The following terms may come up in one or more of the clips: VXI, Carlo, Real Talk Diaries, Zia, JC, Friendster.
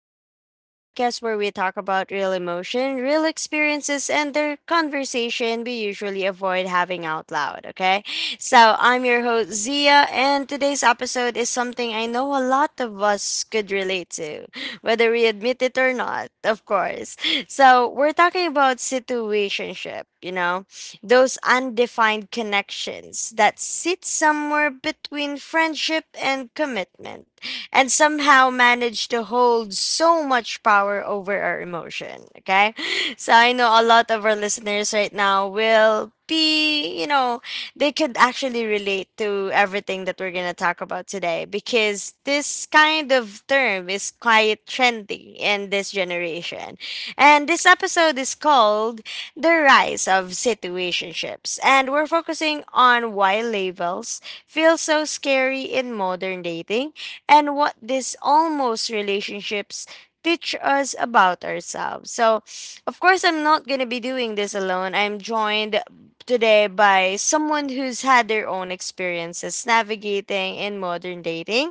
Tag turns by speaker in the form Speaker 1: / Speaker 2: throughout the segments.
Speaker 1: Diaries, the podcast where we talk about real emotion, real experiences, and the conversation we usually avoid having out loud, okay? So I'm your host, Zia, and today's episode is something I know a lot of us could relate to, whether we admit it or not, of course. So we're talking about situationship. Those undefined connections that sit somewhere between friendship and commitment and somehow manage to hold so much power over our emotion. Okay. So I know a lot of our listeners right now will be, they could actually relate to everything that we're going to talk about today because this kind of term is quite trendy in this generation. And this episode is called The Rise of Situationships. And we're focusing on why labels feel so scary in modern dating and what these almost relationships teach us about ourselves. So, of course, I'm not going to be doing this alone. I'm joined today by someone who's had their own experiences navigating in modern dating,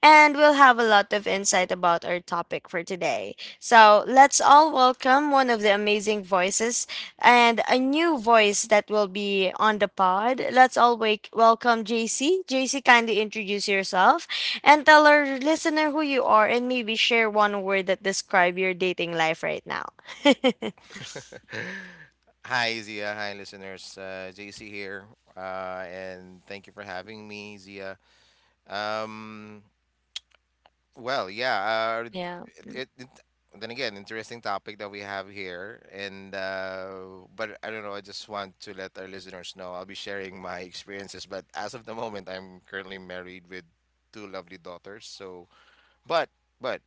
Speaker 1: and we'll have a lot of insight about our topic for today. So, let's all welcome one of the amazing voices and a new voice that will be on the pod. Let's all wake welcome JC. JC, kindly introduce yourself and tell our listener who you are and maybe share one word that describe your dating life right now.
Speaker 2: Hi, Zia. Hi, listeners. JC here, and thank you for having me, Zia. Um, well, yeah.
Speaker 1: Yeah.
Speaker 2: It, it, then again, interesting topic that we have here, and but I don't know. I just want to let our listeners know I'll be sharing my experiences. But as of the moment, I'm currently married with two lovely daughters. So, but but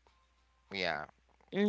Speaker 2: yeah,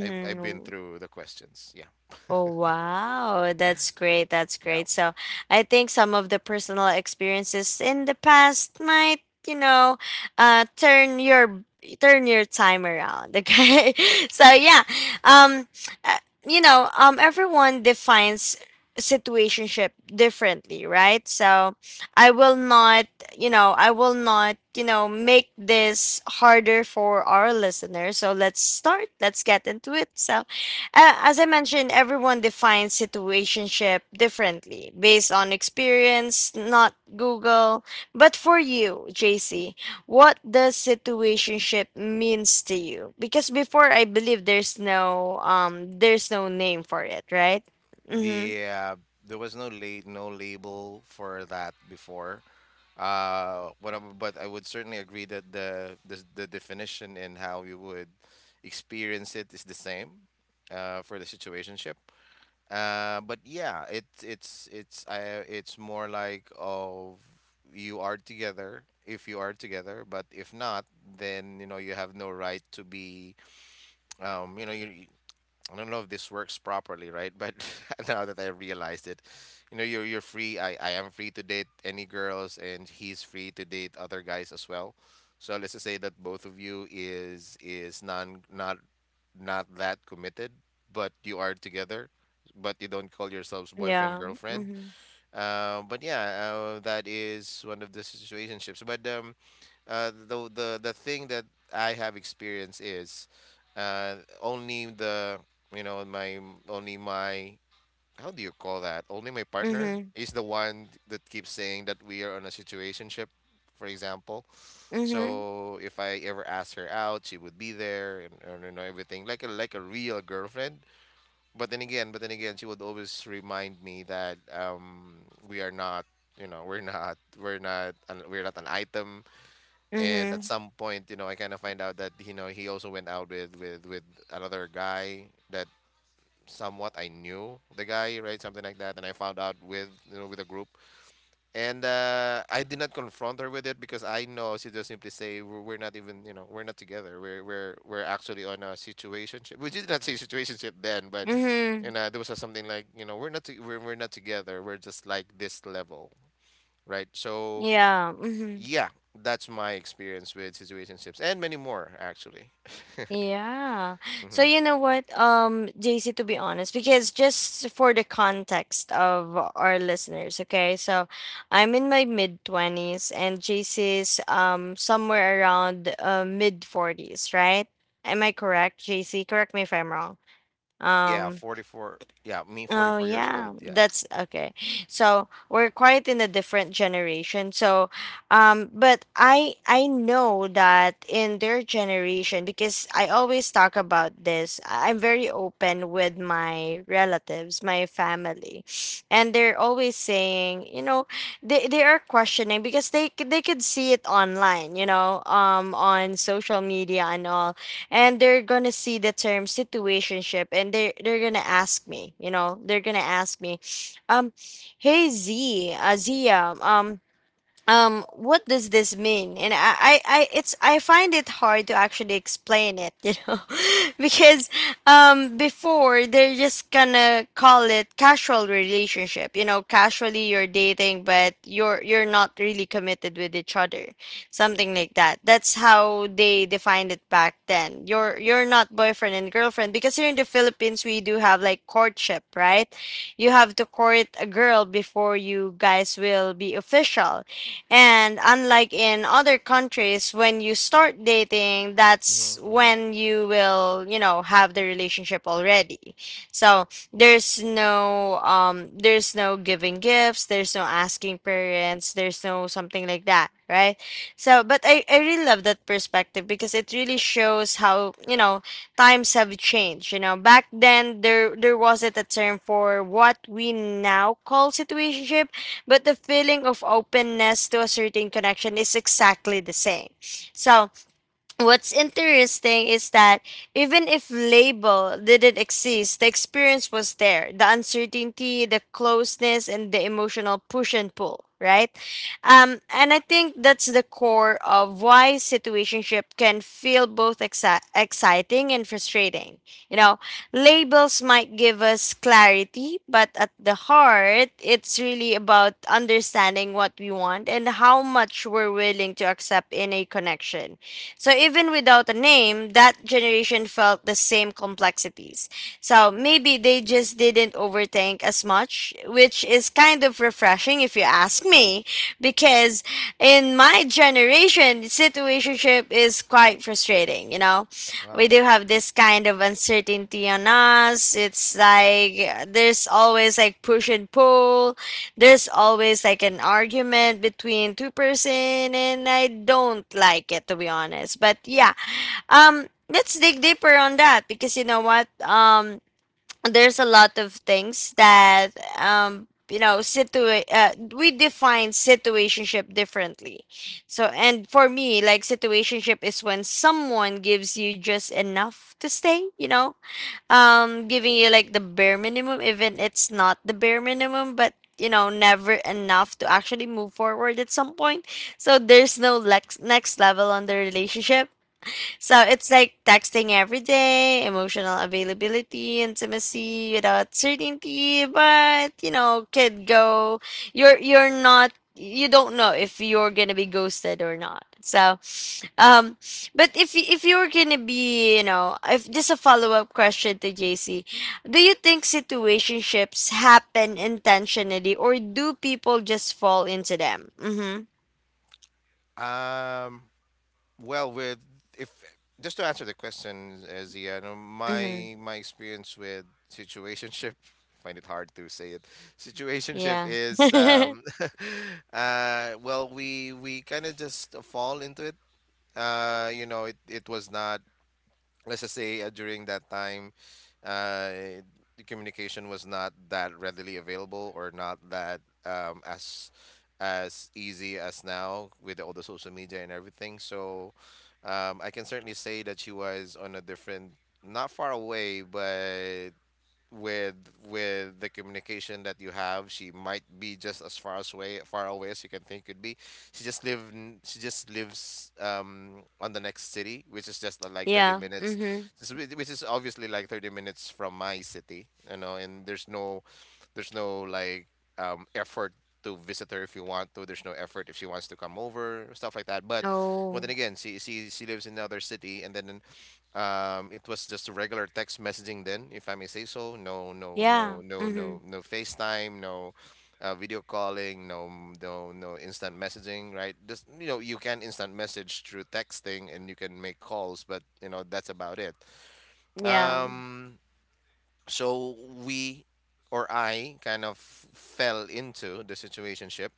Speaker 2: I've been through the questions. Yeah,
Speaker 1: Oh, wow. That's great. That's
Speaker 2: yeah.
Speaker 1: great. So I think some of the personal experiences in the past might, you know, uh, turn your turn your time around. Okay. So yeah. Um, uh, everyone defines situationship differently, right? So I will not, I will not, make this harder for our listeners. So let's start. Let's get into it. So as I mentioned, everyone defines situationship differently based on experience, not Google. But for you, JC, what does situationship means to you? Because before I believe there's no name for it, right? Mhm.
Speaker 2: Yeah, there was no label for that before. But I would certainly agree that the definition and how you would experience it is the same for the situationship. But yeah, it's more like of you are together if you are together, but if not, then you know you have no right to be you know you I don't know if this works properly, right? But now that I realized it, you know, you're free. I am free to date any girls, and he's free to date other guys as well. So let's just say that both of you is non not not that committed, but you are together, but you don't call yourselves boyfriend
Speaker 1: Yeah.
Speaker 2: girlfriend.
Speaker 1: Mhm.
Speaker 2: That is one of the situationships. But The thing that I have experienced is only the you know my only my how do you call that? Only my partner
Speaker 1: Mhm.
Speaker 2: is the one that keeps saying that we are on a situationship, for example.
Speaker 1: Mhm.
Speaker 2: So if I ever asked her out, she would be there and you know everything like a real girlfriend. But then again, she would always remind me that we are not, you know, we're not an item, and at
Speaker 1: Mhm.
Speaker 2: some point, you know, I kind of find out that you know he also went out with another guy that somewhat I knew, the guy, right? Something like that, and I found out with, you know, with a group. And I did not confront her with it because I know she just simply say we're not even, you know, we're not together, we're actually on a situationship. We did not say situationship then, but
Speaker 1: Mhm.
Speaker 2: you know there was a something like, you know, we're not together, we're just like this level, right? So
Speaker 1: Yeah. Mhm.
Speaker 2: yeah, that's my experience with situationships and many more actually.
Speaker 1: Yeah. So
Speaker 2: hmm
Speaker 1: you know what, JC, to be honest, because just for the context of our listeners, okay, so I'm in my mid twenties and JC's somewhere around mid forties, right? Am I correct, JC? Correct me if I'm wrong.
Speaker 2: Yeah,
Speaker 1: Um,
Speaker 2: 44. Yeah, me
Speaker 1: Oh
Speaker 2: 44 years
Speaker 1: yeah,
Speaker 2: old. Yeah.
Speaker 1: that's okay. So we're quite in a different generation. So, but I know that in their generation because I always talk about this. I'm very open with my relatives, my family, and they're always saying, they are questioning because they could see it online, on social media and all, and they're gonna see the term situationship, and they're gonna ask me, um hey, z Zia, what does this mean? And I find it hard to actually explain it, because before they're just gonna call it casual relationship, casually you're dating but you're not really committed with each other, something like that. That's how they defined it back then. You're not boyfriend and girlfriend, because here in the Philippines we do have like courtship, right? You have to court a girl before you guys will be official, and unlike in other countries, when you start dating,
Speaker 2: hmm
Speaker 1: that's
Speaker 2: hmm
Speaker 1: when you will, have the relationship already. So there's no giving gifts, there's no asking parents, there's no something like that, right? So but I really love that perspective because it really shows how, times have changed. You know, back then there wasn't a term for what we now call situationship, but the feeling of openness to a certain connection is exactly the same. So what's interesting is that even if label didn't exist, the experience was there. The uncertainty, the closeness, and the emotional push and pull, right? And I think that's the core of why situationship can feel both exciting and frustrating. You know, labels might give us clarity, but at the heart, it's really about understanding what we want and how much we're willing to accept in a connection. So even without a name, that generation felt the same complexities. So maybe they just didn't overthink as much, which is kind of refreshing if you ask me, because in my generation, situationship is quite frustrating. We
Speaker 2: Wow.
Speaker 1: do have this kind of uncertainty on us. It's like there's always like push and pull, there's always like an argument between two person, and I don't like it to be honest. But yeah, let's dig deeper on that because you know what? There's a lot of things that we define situationship differently. So and for me, like, situationship is when someone gives you just enough to stay, giving you like the bare minimum, even it's not the bare minimum, but never enough to actually move forward at some point. So there's no next level on the relationship. So it's like texting every day, emotional availability, intimacy without certainty, but could go, you're not, you don't know if you're gonna be ghosted or not. So um, but if if you were gonna be, if just a follow up question to JC, do you think situationships happen intentionally, or do people just fall into them? Mm-hmm.
Speaker 2: Um, well, with if just to answer the question, Zia, you
Speaker 1: Mm-hmm.
Speaker 2: my my experience with situationship, find it hard to say it. Situationship
Speaker 1: Yeah.
Speaker 2: is well, we kind of just fall into it. You know, it was not, let's just say during that time, uh, the communication was not that readily available or not that as easy as now with all the social media and everything. So I can certainly say that she was on a different, not far away, but with with the communication that you have, she might be just as far as way far away as you can think could be. She just lives on the next city which is just like 30
Speaker 1: Yeah.
Speaker 2: minutes.
Speaker 1: Mm-hmm.
Speaker 2: Which is obviously like 30 minutes from my city, you know. And there's no, there's no like effort to visit her if you want to. There's no effort if she wants to come over, stuff like that. But then
Speaker 1: Oh.
Speaker 2: again, she lives in another city. And then it was just a regular text messaging then, if I may say so. No, no, no,
Speaker 1: Yeah.
Speaker 2: no,
Speaker 1: Mm-hmm.
Speaker 2: no, No FaceTime, no video calling, no, no instant messaging, right? Just, you know, you can instant message through texting and you can make calls, but you know that's about it.
Speaker 1: Yeah.
Speaker 2: Um, so we or I kind of fell into the situationship.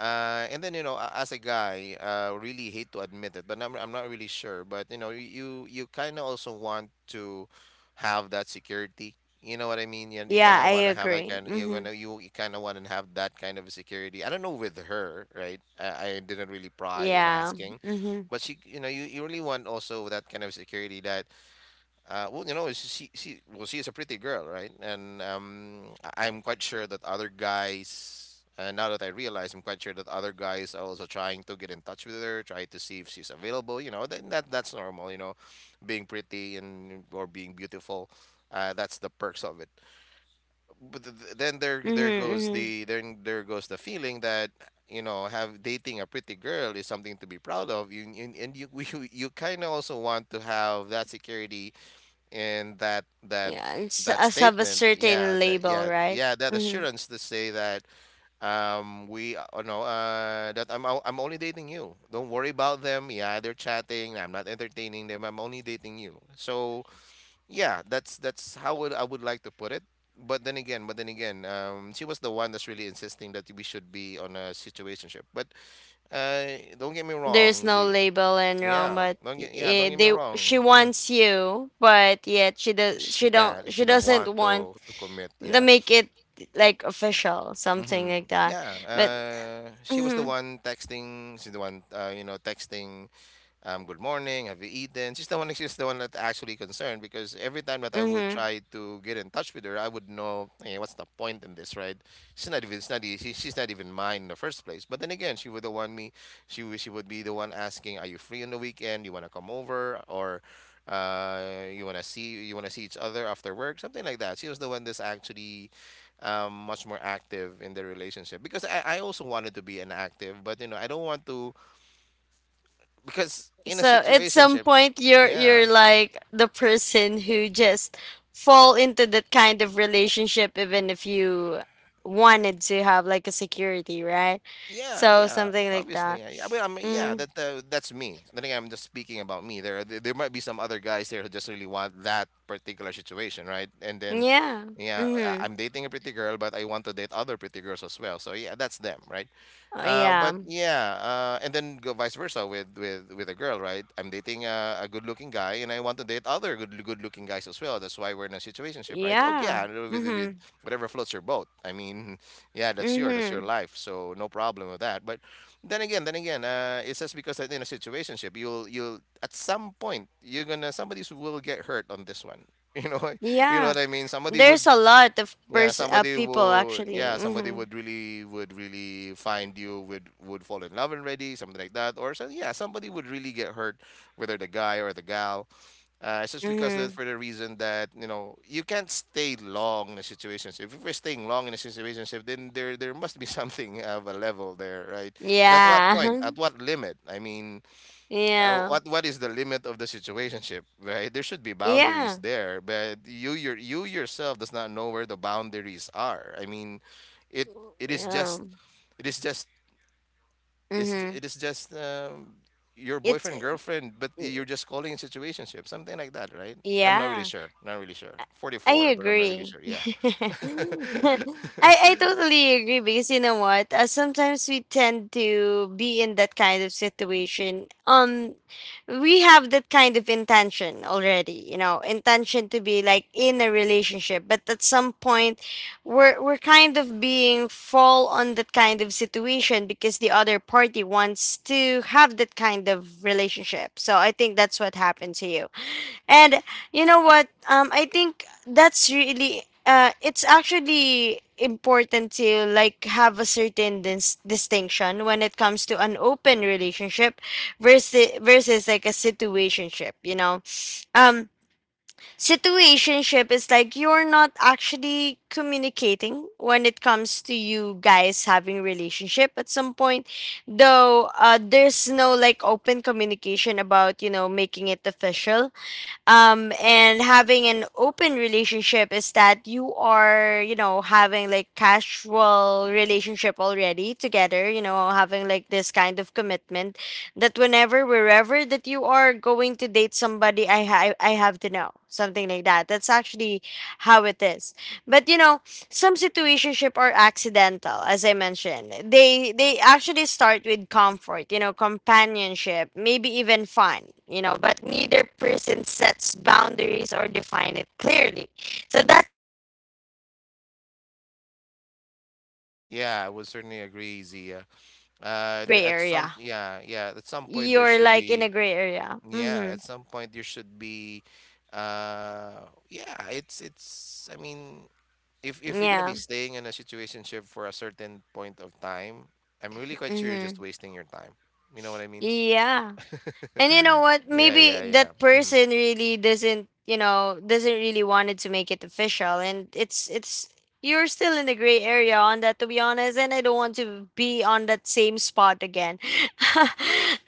Speaker 2: And then, you know, as a guy, really hate to admit it, but I'm not really sure. But you know, you kind of also want to have that security. You know what I mean? You kind
Speaker 1: Yeah.
Speaker 2: of
Speaker 1: I
Speaker 2: want to have that
Speaker 1: agree.
Speaker 2: kind.
Speaker 1: Mm-hmm.
Speaker 2: You kind of want to have that kind of security. I don't know with her, right? I didn't really pry in
Speaker 1: Yeah.
Speaker 2: asking,
Speaker 1: Mm-hmm.
Speaker 2: but she, you know, you really want also that kind of security that, well, you know, she well, she is a pretty girl, right? And I'm quite sure that other guys, now that I realize, I'm quite sure that other guys are also trying to get in touch with her, try to see if she's available. You know, that's normal. You know, being pretty and or being beautiful, that's the perks of it. But then there
Speaker 1: Mm-hmm.
Speaker 2: there goes
Speaker 1: Mm-hmm.
Speaker 2: the then there goes the feeling that, you know, have dating a pretty girl is something to be proud of. And you you kind of also want to have that security, and
Speaker 1: Yeah. It's,
Speaker 2: that
Speaker 1: us have a
Speaker 2: statement, yeah,
Speaker 1: certain
Speaker 2: that
Speaker 1: label,
Speaker 2: yeah
Speaker 1: right?
Speaker 2: yeah that
Speaker 1: Mm-hmm.
Speaker 2: assurance to say that we no that I'm only dating you, don't worry about them. Yeah, they're chatting, I'm not entertaining them, I'm only dating you. So yeah, that's how would I would like to put it. But then again, she was the one that's really insisting that we should be on a situationship. But uh don't get me
Speaker 1: There's
Speaker 2: wrong,
Speaker 1: no
Speaker 2: Z.
Speaker 1: label and wrong but
Speaker 2: Yeah, don't get me
Speaker 1: they
Speaker 2: wrong.
Speaker 1: she
Speaker 2: Mm-hmm.
Speaker 1: wants you but yet
Speaker 2: She can't,
Speaker 1: she
Speaker 2: she don't
Speaker 1: doesn't
Speaker 2: want
Speaker 1: want
Speaker 2: to commit,
Speaker 1: to
Speaker 2: yeah.
Speaker 1: make it like official, something
Speaker 2: Hmm,
Speaker 1: like that.
Speaker 2: yeah.
Speaker 1: But
Speaker 2: She was the
Speaker 1: hmm,
Speaker 2: one texting, she's the one you know, texting, good morning, have you eaten? She's the one that actually concerned, because every time that I would
Speaker 1: hmm,
Speaker 2: try to get in touch with her, I would know, hey, what's the point in this, right? She's not even, it's not, e- she, she's not even mine in the first place. But then again, she would be the one asking, are you free on the weekend? You want to come over, or uh, you want to see each other after work, something like that. She was the one that's actually much more active in the relationship, because I also wanted to be an active, but you know, I don't want to, because in a
Speaker 1: so at some
Speaker 2: situationship,
Speaker 1: point
Speaker 2: yeah.
Speaker 1: you're like the person who just fall into that kind of relationship even if you wanted to have like a security, right?
Speaker 2: Yeah,
Speaker 1: So
Speaker 2: yeah,
Speaker 1: something like that.
Speaker 2: obviously. I mean, yeah,
Speaker 1: mm,
Speaker 2: that's me. I think I'm just speaking about me. There might be some other guys there who just really want that particular situation, right? And then,
Speaker 1: yeah.
Speaker 2: yeah,
Speaker 1: Mm-hmm.
Speaker 2: I'm dating a pretty girl, but I want to date other pretty girls as well. So yeah, that's them, right?
Speaker 1: Oh, yeah.
Speaker 2: And then go vice versa with a girl, right? I'm dating a good-looking guy, and I want to date other good-looking guys as well. That's why we're in a situationship, right? Okay,
Speaker 1: Yeah.
Speaker 2: yeah, with
Speaker 1: Mhm.
Speaker 2: whatever floats your boat. I mean, yeah, that's your
Speaker 1: Mhm.
Speaker 2: life, so no problem with that. But then again, it's just because that in a situationship, you'll at some point you're gonna, somebody will get hurt on this one. You know, you know what
Speaker 1: Yeah.
Speaker 2: I mean. Somebody
Speaker 1: There's
Speaker 2: would,
Speaker 1: a lot of
Speaker 2: yeah, somebody
Speaker 1: people
Speaker 2: would,
Speaker 1: actually.
Speaker 2: yeah, somebody
Speaker 1: Mhm.
Speaker 2: would really find, you would fall in love already, something like that, or so yeah, somebody would really get hurt, whether the guy or the gal. It's just because that
Speaker 1: Mhm.
Speaker 2: for the reason that you know you can't stay long in a situationship. If you're staying long in a situationship, then there must be something of a level there, right? And at what point?
Speaker 1: Yeah.
Speaker 2: At what limit? I mean,
Speaker 1: Yeah.
Speaker 2: what is the limit of the situationship, right? There should be boundaries
Speaker 1: Yeah.
Speaker 2: there, but you yourself does not know where the boundaries are. I mean, it it is
Speaker 1: Yeah.
Speaker 2: just it is just
Speaker 1: Mhm.
Speaker 2: it is just your
Speaker 1: It's,
Speaker 2: boyfriend
Speaker 1: it's
Speaker 2: girlfriend, but
Speaker 1: y-
Speaker 2: you're just calling it situationship, something like that, right? I'm not really
Speaker 1: yeah.
Speaker 2: sure. Not really sure. Forty
Speaker 1: I
Speaker 2: four, but I'm not really
Speaker 1: agree.
Speaker 2: sure. Yeah.
Speaker 1: I totally agree because you know what? Sometimes we tend to be in that kind of situation. We have that kind of intention already. You know, intention to be like in a relationship, but at some point, we're kind of being fall on that kind of situation because the other party wants to have that kind of relationship. So I think that's what happened to you. And you know what? I think that's really it's actually important to like have a certain distinction when it comes to an open relationship versus like a situationship. Um, situationship is like you're not actually communicating when it comes to you guys having relationship at some point, though there's no like open communication about, making it official. And having an open relationship is that you are, having like casual relationship already together, you know, having like this kind of commitment that whenever, wherever that you are going to date somebody, I have to know, something like that. That's actually how it is. But you know, some situationship are accidental. As I mentioned, they actually start with comfort, you know, companionship, maybe even fun, you know, but neither person sets boundaries or define it clearly. So that's how generation right now is, and before you know
Speaker 2: Yeah, I
Speaker 1: it,
Speaker 2: would certainly agree, Zia.
Speaker 1: you're in this
Speaker 2: There,
Speaker 1: gray
Speaker 2: at some,
Speaker 1: area,
Speaker 2: yeah, yeah, at some point there
Speaker 1: you're
Speaker 2: should
Speaker 1: like in a
Speaker 2: be,
Speaker 1: gray area.
Speaker 2: yeah,
Speaker 1: Mm-hmm.
Speaker 2: at some point you should be, yeah, it's I mean, if you're gonna be
Speaker 1: Yeah.
Speaker 2: staying in a situationship for a certain point of time, I'm really quite sure you're just
Speaker 1: Mm-hmm.
Speaker 2: wasting your time. You know what I mean?
Speaker 1: Yeah. And you know what?
Speaker 2: Yeah,
Speaker 1: Maybe
Speaker 2: yeah, yeah.
Speaker 1: that
Speaker 2: hmm
Speaker 1: person really doesn't, doesn't really wanted to make it official, and it's, you're still in the gray area on that to be honest, and I don't want to be on that same spot again.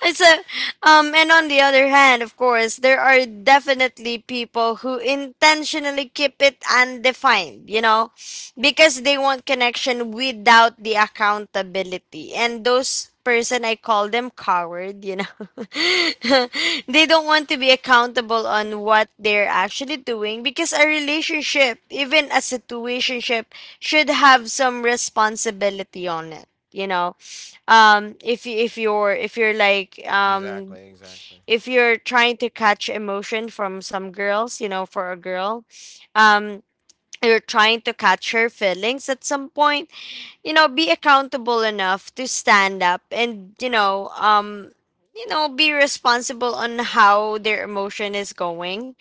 Speaker 1: it's a And on the other hand, of course, there are definitely people who intentionally keep it undefined, you know? Because they want connection without the accountability, and those person I call them coward. They don't want to be accountable on what they're actually doing, because a relationship, even a situationship, should have some responsibility on it. If you're like
Speaker 2: Exactly, exactly.
Speaker 1: if you're trying to catch emotion from some girls, for a girl. Um you're trying to catch her feelings at some point. Be accountable enough to stand up, and be responsible on how their emotion is going.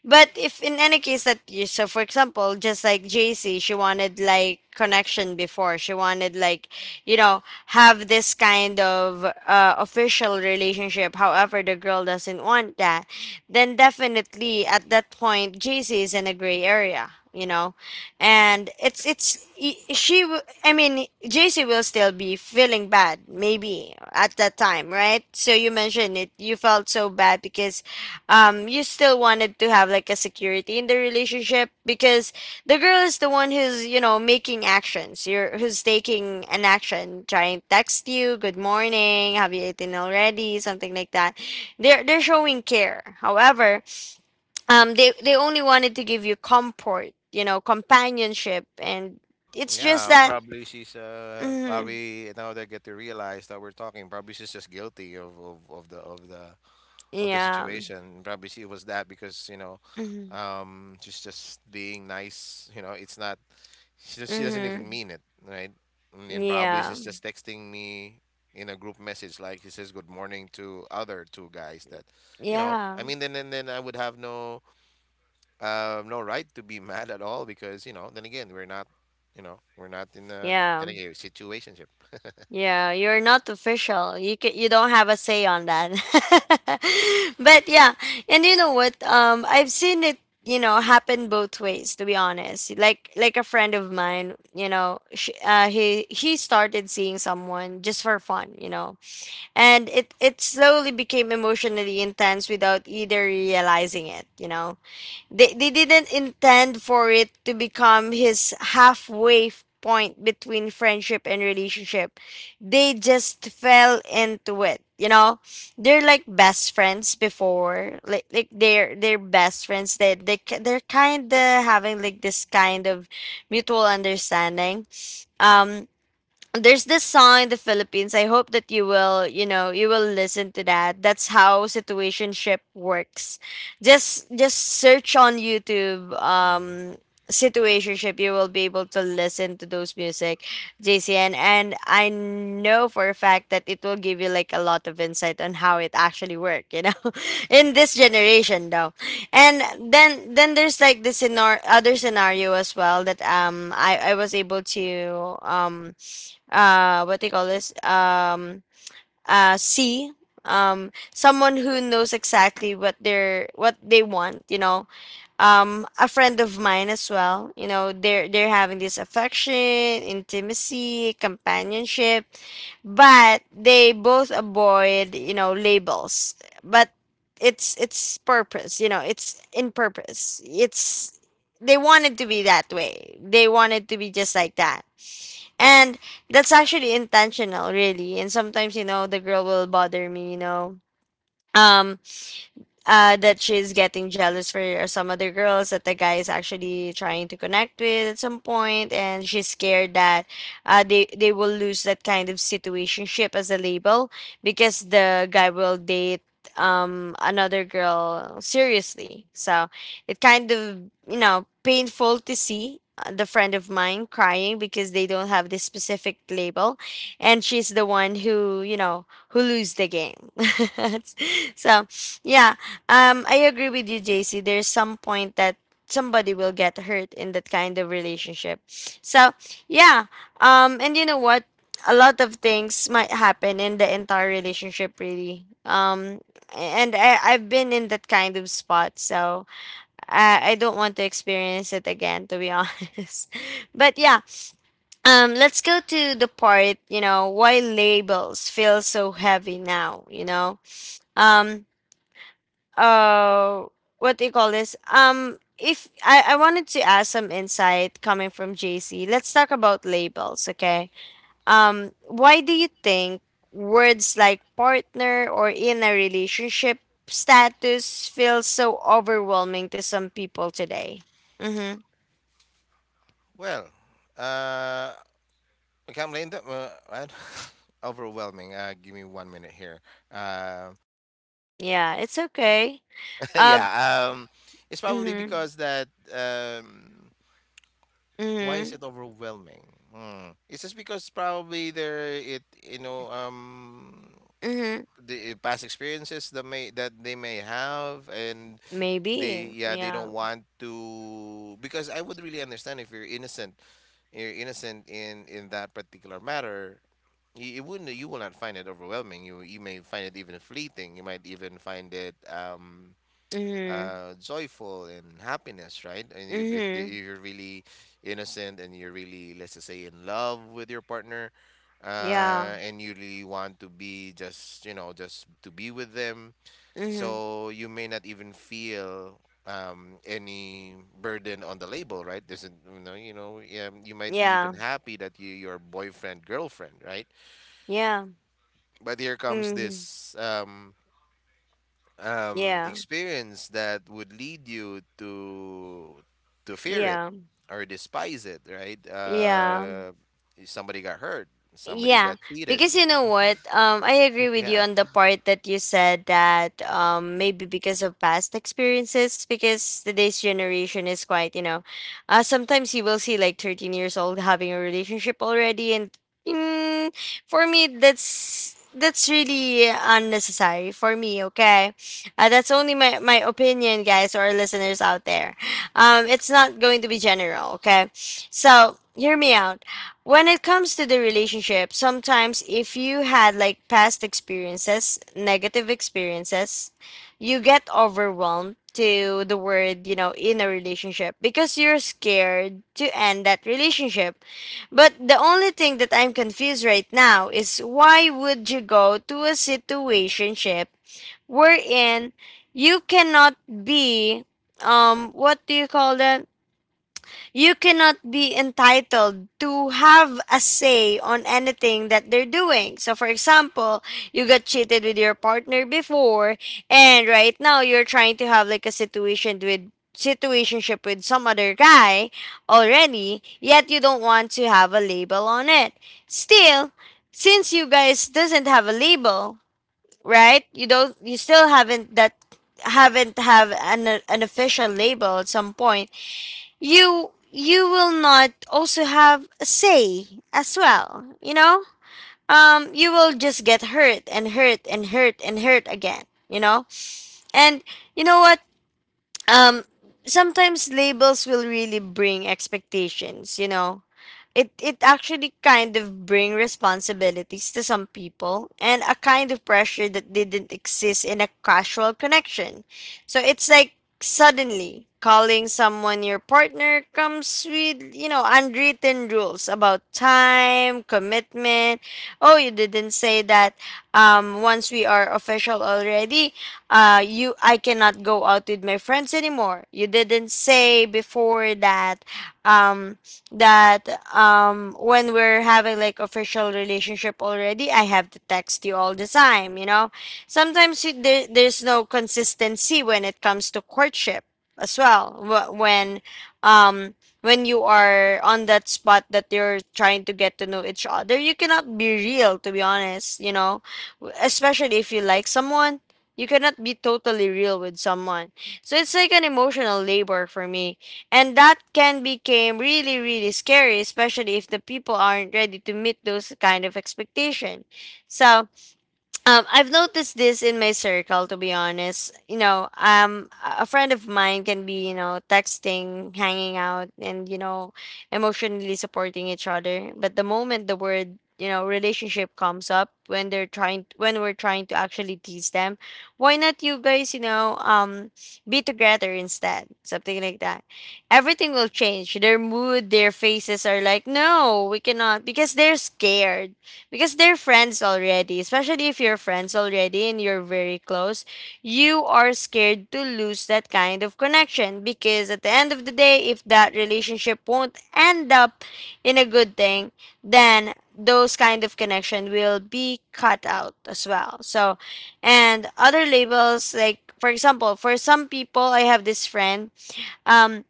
Speaker 1: But if in any case that you, so for example just like JC, she wanted like connection before, she wanted like you know have this kind of official relationship. However, the girl doesn't want that, then definitely at that point JC is in a gray area. And it's I mean, JC will still be feeling bad maybe at that time, right? So you mentioned it, you felt so bad because you still wanted to have like a security in the relationship, because the girl is the one who's, making actions, you're who's taking an action, trying to text you good morning, have you eaten already, something like that. They're showing care. However, they only wanted to give you comfort, companionship, and it's just
Speaker 2: Yeah,
Speaker 1: that.
Speaker 2: probably she's
Speaker 1: Mm,
Speaker 2: probably now they get to realize that we're talking, probably she's just guilty of the
Speaker 1: yeah.
Speaker 2: situation. Probably she was that because
Speaker 1: Mm,
Speaker 2: she's just being nice. You know, it's not. She doesn't even
Speaker 1: hmm.
Speaker 2: mean it, right? And then probably
Speaker 1: Yeah.
Speaker 2: she's just texting me in a group message, like she says good morning to other two guys that
Speaker 1: Yeah.
Speaker 2: then I would have no no right to be mad at all, because then again we're not, in a,
Speaker 1: Yeah.
Speaker 2: then again, situationship.
Speaker 1: Yeah. You're not official, you don't have a say on that. But yeah. And you know what? I've seen it happen both ways, to be honest. Like a friend of mine, you know she, he started seeing someone just for fun. And it slowly became emotionally intense without either realizing it. They didn't intend for it to become his halfway point between friendship and relationship. They just fell into it. They're like best friends before, like they're best friends. They're kind of having like this kind of mutual understanding. Um there's this song in the Philippines. I hope that you will, you will listen to that. That's how situationship works. Just search on YouTube,
Speaker 2: Mhm.
Speaker 1: situationship. You will be able to listen to those music, JCN, and I know for a fact that it will give you like a lot of insight on how it actually work, in this generation though. And then there's like this other scenario as well that I was able to, what they call this, see, someone who knows exactly what they want. A friend of mine as well, they're having this affection, intimacy, companionship, but they both avoid, labels. But it's purpose, it's in purpose, it's, they wanted to be that way. They wanted to be just like that. And that's actually intentional, really. And sometimes, the girl will bother me. Um that she's getting jealous for some other girls that the guy is actually trying to connect with at some point, and she's scared that they will lose that kind of situationship as a label, because the guy will date another girl seriously. So it kind of, painful to see, the friend of mine crying because they don't have this specific label, and she's the one who you know who lose the game. So yeah. I agree with you, JC. There's some point that somebody will get hurt in that kind of relationship. So yeah. And you know what? A lot of things might happen in the entire relationship, really. And I've been in that kind of spot, so I don't want to experience it again, to be honest. But yeah. Let's go to the part, you know, why labels feel so heavy now. You know. Um uh what do you call this? If I wanted to ask some insight coming from JC, let's talk about labels. Okay. Why do you think words like partner or in a relationship status feel so overwhelming to some people today? Mm-hmm.
Speaker 2: Well, uh okay, I'm late. What? Overwhelming. Give me one minute here. Uh,
Speaker 1: Yeah, it's okay. um
Speaker 2: yeah. It's probably
Speaker 1: mm-hmm.
Speaker 2: because that. Why is
Speaker 1: Mm-hmm.
Speaker 2: it overwhelming? Hmm. It's just because probably there it,
Speaker 1: Mm-hmm.
Speaker 2: the past experiences that they may have, and
Speaker 1: Maybe.
Speaker 2: they, yeah, they
Speaker 1: Yeah.
Speaker 2: don't want to, because I would really understand if you're innocent. You're innocent in that particular matter. You will not find it overwhelming. You may find it even fleeting. You might even find it
Speaker 1: Mm-hmm.
Speaker 2: joyful and happiness, right? And if if, the,
Speaker 1: Mm-hmm.
Speaker 2: if you're really innocent, and you're really, let's just say, in love with your partner,
Speaker 1: Yeah.
Speaker 2: and you really want to be just you know just to be with them,
Speaker 1: Mm-hmm.
Speaker 2: so you may not even feel any burden on the label, right? there's a, you know Yeah, you might be
Speaker 1: Yeah.
Speaker 2: even happy that your boyfriend girlfriend, right?
Speaker 1: Yeah.
Speaker 2: But here comes
Speaker 1: Mm-hmm.
Speaker 2: this
Speaker 1: Yeah,
Speaker 2: experience that would lead you to fear it,
Speaker 1: yeah,
Speaker 2: or despise it, right?
Speaker 1: yeah.
Speaker 2: Somebody got hurt. Somebody
Speaker 1: Yeah,
Speaker 2: got cheated.
Speaker 1: because you know what? I agree with you
Speaker 2: Yeah,
Speaker 1: on the part that you said that, maybe because of past experiences, because today's generation is quite, sometimes you will see like 13 years old having a relationship already. And mm, for me, that's really unnecessary for me. Okay. That's only my opinion, guys, or listeners out there. It's not going to be general. Okay. So hear me out. When it comes to the relationship, sometimes if you had like past experiences, negative experiences, you get overwhelmed to the word, in a relationship, because you're scared to end that relationship. But the only thing that I'm confused right now is why would you go to a situationship, wherein you cannot be, what do you call that? You cannot be entitled to have a say on anything that they're doing. So, for example, you got cheated with your partner before, and right now you're trying to have like a situation with situationship with some other guy already, yet you don't want to have a label on it. Still, since you guys doesn't have a label, right? You don't. You still haven't that, haven't have an official label at some point, you will not also have a say as well. You will just get hurt and hurt and hurt and hurt again. And you know what? Um sometimes labels will really bring expectations. It actually kind of bring responsibilities to some people and a kind of pressure that didn't exist in a casual connection. So it's like suddenly calling someone your partner comes with, unwritten rules about time, commitment. Oh, you didn't say that. Once we are official already, you I cannot go out with my friends anymore. You didn't say before um that when we're having like official relationship already, I have to text you all the time. There's no consistency when it comes to courtship as well. Um when you are on that spot that you're trying to get to know each other, you cannot be real, to be honest. Especially if you like someone, you cannot be totally real with someone. So it's like an emotional labor for me, and that can become really, really scary, especially if the people aren't ready to meet those kind of expectation. So I've noticed this in my circle, to be honest. A friend of mine can be, texting, hanging out, and, emotionally supporting each other. But the moment the word, relationship, comes up when they're trying, when we're trying to actually tease them, why not you guys, be together instead, something like that. Everything will change. Their mood, their faces are like, no, we cannot, because they're scared, because they're friends already. Especially if you're friends already and you're very close, you are scared to lose that kind of connection, because at the end of the day, if that relationship won't end up in a good thing, then those kind of connection will be cut out as well. So and other labels, like for example for some people, I have this friend. um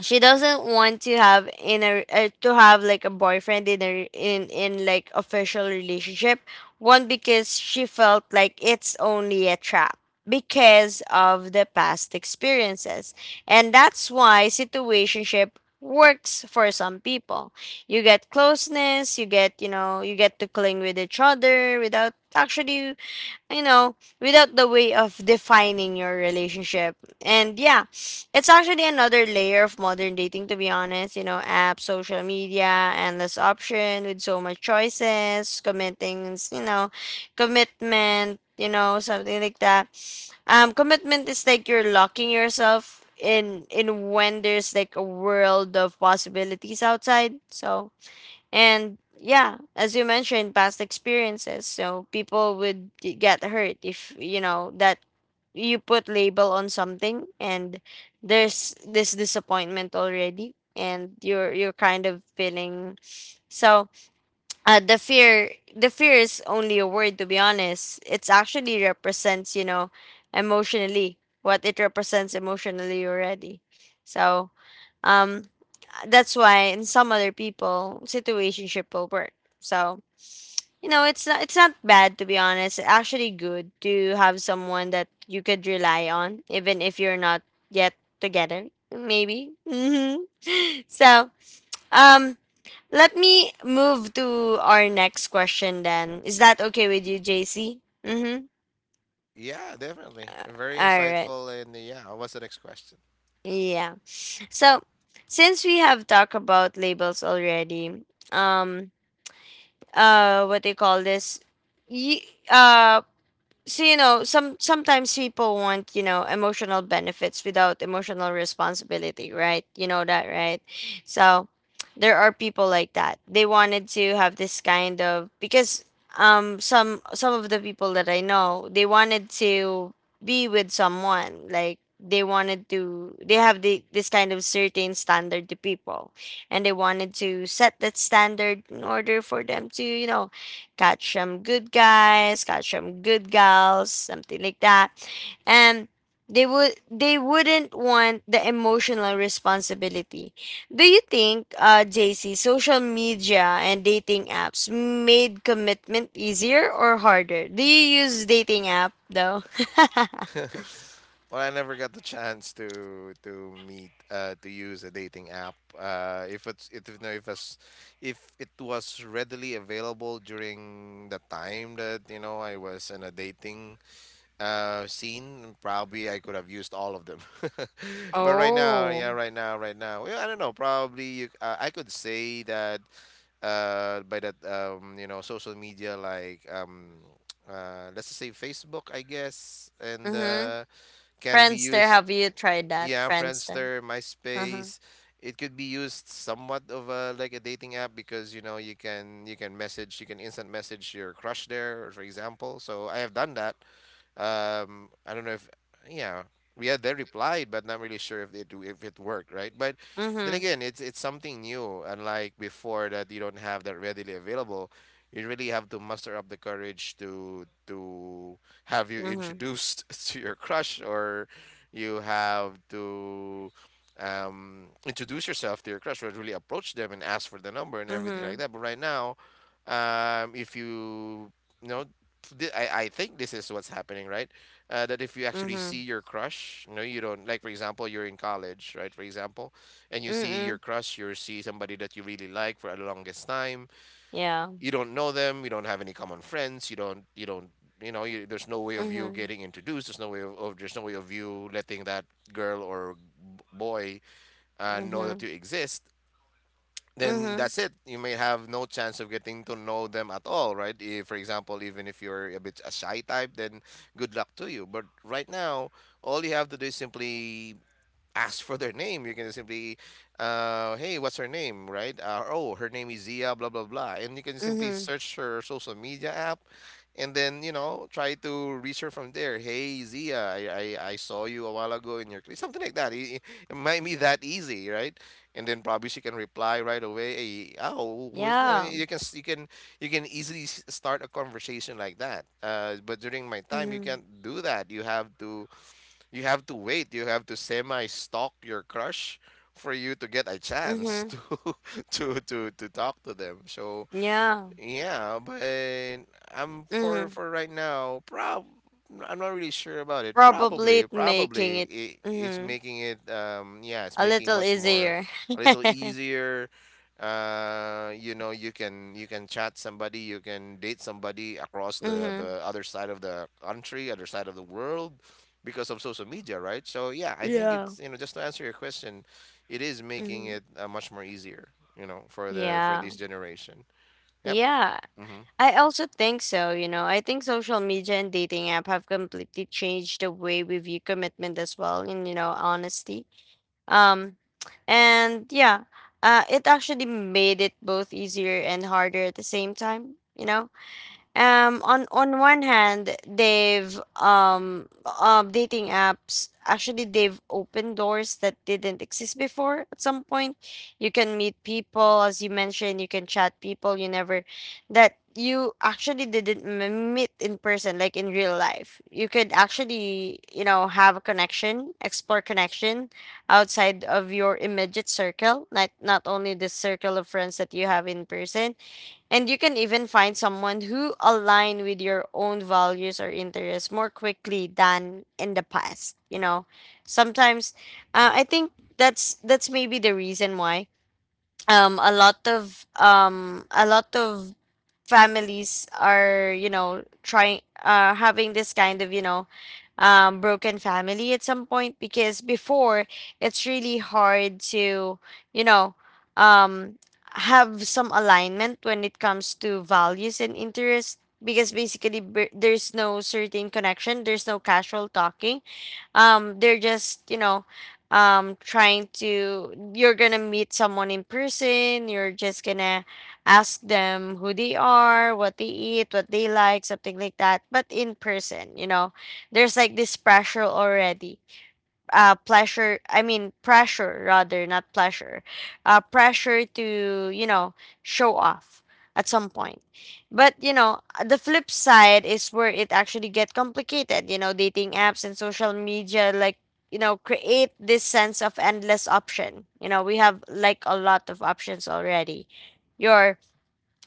Speaker 1: she doesn't want to have in a to have like a boyfriend in a in in like official relationship. One, because she felt like it's only a trap, because of the past experiences. And that's why situationship works for some people. You get closeness, you get to cling with each other without actually, you know, without the way of defining your relationship. And yeah, it's actually another layer of modern dating, to be honest. Apps, social media, endless option with so much choices, committing, commitment, something like that. Commitment is like you're locking yourself in when there's like a world of possibilities outside. So and yeah, as you mentioned, past experiences. So people would get hurt if, that you put label on something, and there's this disappointment already, and you're kind of feeling. So the fear, the fear is only a word, to be honest. It's actually represents, emotionally, what it represents emotionally already. So um that's why in some other people situationship will work. So it's not bad, to be honest. It's actually good to have someone that you could rely on even if you're not yet together, maybe. So um let me move to our next question. Then, is that okay with you, JC? Mm-hmm.
Speaker 2: yeah, definitely very
Speaker 1: All right,
Speaker 2: insightful, and yeah, what's the next question?
Speaker 1: yeah, so since we have talked about labels already, um what they call this, y- uh so, sometimes people want, emotional benefits without emotional responsibility, right? You know that, right? So there are people like that. They wanted to have this kind of because some of the people that I know, they wanted to be with someone like, they wanted to they have this kind of certain standard to people, and they wanted to set that standard in order for them to, got some good guys, got some good gals, something like that. And they wouldn't want the emotional responsibility. Do you think, JC, social media and dating apps made commitment easier or harder? Do you use dating app though?
Speaker 2: Well, I never got the chance to meet to use a dating app. If it's it you know if it's, if it was readily available during the time that, I was in a dating scene, probably I could have used all of them. But right now, yeah,
Speaker 1: Oh.
Speaker 2: right now, right now. Well, I don't know, probably you I could say that by that, social media, like, let's just say Facebook, I guess, and,
Speaker 1: Mm-hmm.
Speaker 2: can be
Speaker 1: Friendster,
Speaker 2: used.
Speaker 1: have you tried that?
Speaker 2: Yeah,
Speaker 1: Friendster.
Speaker 2: Friendster,
Speaker 1: Uh-huh.
Speaker 2: MySpace. It could be used somewhat of a, like a dating app, because you can message, you can instant message your crush there, for example. So I have done that. I don't know if, yeah, yeah, they replied, but not really sure if they do, if it worked, right? But then
Speaker 1: Mm-hmm.
Speaker 2: again, it's something new, unlike before, that you don't have that readily available. You really have to muster up the courage to have you
Speaker 1: Mm-hmm.
Speaker 2: introduced to your crush, or you have to, introduce yourself to your crush, or really approach them and ask for the number and everything
Speaker 1: Mm-hmm.
Speaker 2: like that. But right now, if you, you know th- I think this is what's happening, right? That if you actually
Speaker 1: Mm-hmm.
Speaker 2: see your crush, no, you don't. Like, for example, you're in college, right? For example, and you see
Speaker 1: Mm-mm.
Speaker 2: your crush, you see somebody that you really like for the longest time.
Speaker 1: Yeah.
Speaker 2: You don't know them. You don't have any common friends. You don't. You don't. You know, there's no way of you
Speaker 1: Mm-hmm.
Speaker 2: getting introduced. There's no way of there's no way of you letting that girl, or boy, know that
Speaker 1: Mhm.
Speaker 2: you exist, then
Speaker 1: Mhm.
Speaker 2: that's it. You may have no chance of getting to know them at all, right? If, for example, even if you're a bit a shy type, then good luck to you. But right now, all you have to do is simply ask for their name. Hey, what's her name, right? Oh, her name is Zia, blah blah blah, and you can simply
Speaker 1: Mhm.
Speaker 2: search her social media app, and then, try to reach her from there. Hey, Zia, I saw you a while ago in your clip, something like that. It might be that easy, right? And then probably she can reply right away. Hey, oh, who is? No, you
Speaker 1: Yeah.
Speaker 2: you can s- you can easily s- start a conversation like that. But during my time, you
Speaker 1: Mhm.
Speaker 2: can't do that. You have to, wait. You have to semi-stalk your crush, for you to get a chance
Speaker 1: Mhm.
Speaker 2: to to talk to them. So
Speaker 1: Yeah.
Speaker 2: yeah, but I'm
Speaker 1: Mhm.
Speaker 2: for right now. Prob I'm not really sure about it.
Speaker 1: Probably
Speaker 2: Probably,
Speaker 1: making
Speaker 2: probably
Speaker 1: it,
Speaker 2: it's
Speaker 1: Mhm,
Speaker 2: making it, yeah, it's
Speaker 1: a
Speaker 2: making
Speaker 1: little
Speaker 2: much more,
Speaker 1: easier.
Speaker 2: a little easier. You know, you can chat somebody, you can date somebody across
Speaker 1: Mhm.
Speaker 2: the other side of the country, other side of the world, because of social media, right? So yeah, I think
Speaker 1: Yeah.
Speaker 2: just to answer your question, it is making
Speaker 1: Mhm.
Speaker 2: it, much more easier, you know, for
Speaker 1: Yeah.
Speaker 2: this generation. Yep.
Speaker 1: Yeah.
Speaker 2: Mm-hmm.
Speaker 1: I also think so. I think social media and dating app have completely changed the way we view commitment as well and, honesty. Um and yeah, it actually made it both easier and harder at the same time. On one hand, they've dating apps actually, they've opened doors that didn't exist before at some point. You can meet people, as you mentioned. You can chat people, you never that you actually didn't meet in person, like in real life. You could actually, have a connection, explore connection outside of your immediate circle, not only the circle of friends that you have in person. And you can even find someone who align with your own values or interests more quickly than in the past. Sometimes, I think that's maybe the reason why a lot of families are, trying, having this kind of, broken family at some point, because before, it's really hard to, you know um have some alignment when it comes to values and interests, because basically, there's no certain connection, there's no casual talking. They're just, trying to you're gonna meet someone in person. You're just gonna ask them who they are, what they eat, what they like, something like that, but in person, there's like this pressure already. Pleasure, I mean pressure, rather, not pleasure. Pressure to, show off at some point. But, the flip side is where it actually get complicated. Dating apps and social media like, create this sense of endless option. We have like a lot of options already. Your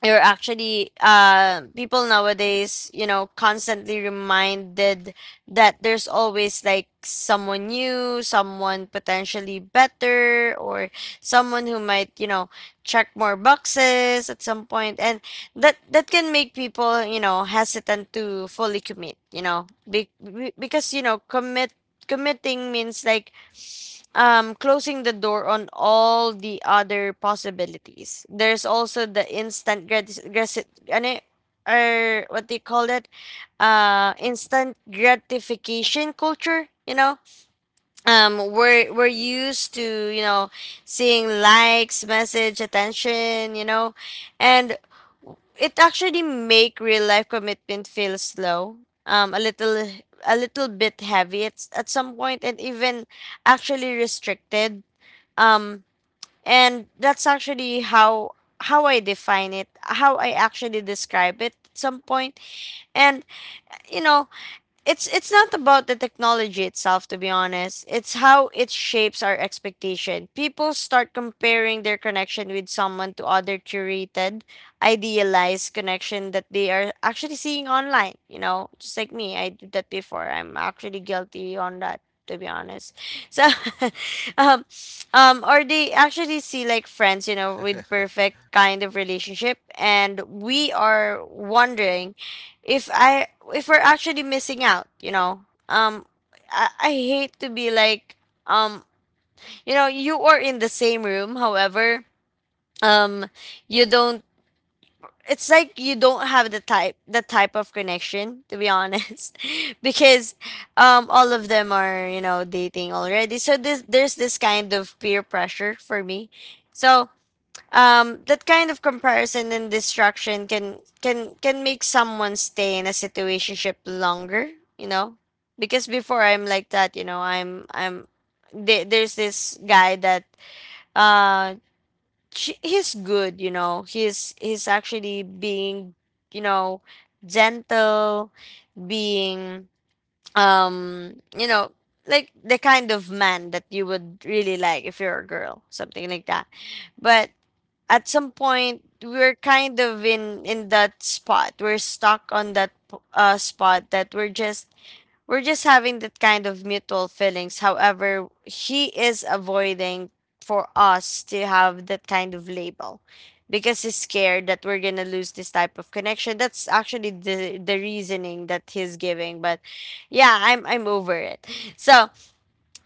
Speaker 1: you're actually People nowadays, constantly reminded that there's always like someone new, someone potentially better, or someone who might, check more boxes at some point. And that can make people, hesitant to fully commit, because, committing means like, closing the door on all the other possibilities. There's also the instant gratis, gratis ano, or what do you call that? Instant gratification culture. We're used to, seeing likes, message, attention. And it actually make real life commitment feel slow. Um, a little a little bit heavy at some point, and even actually restricted, um and that's actually how I define it, how I actually describe it at some point. And, you know it's not about the technology itself, to be honest. It's how it shapes our expectation. People start comparing their connection with someone to other curated idealized connection that they are actually seeing online, just like me. I did that before. I'm actually guilty on that, to be honest. So um or they actually see like friends, with perfect kind of relationship, and we are wondering if I if we're actually missing out, I hate to be like, um you are in the same room, however, um you don't it's like you don't have the type of connection, to be honest. Because all of them are, dating already, so this there's this kind of peer pressure for me. So that kind of comparison and distraction can make someone stay in a situationship longer, you know because before, I'm like that, I'm there's this guy that uh he's good. He's actually being, you know gentle, being, um you know like the kind of man that you would really like if you're a girl, something like that. But at some point, we're kind of in that spot. We're stuck on that spot, that we're just having that kind of mutual feelings. However, he is avoiding for us to have that kind of label, because he's scared that we're gonna lose this type of connection. That's actually the reasoning that he's giving. But yeah, I'm over it. So,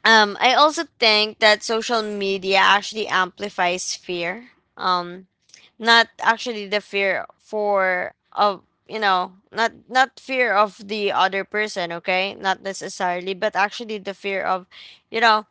Speaker 1: I also think that social media actually amplifies fear. Um, not actually the fear for of, not fear of the other person, okay, not necessarily, but actually the fear of, you know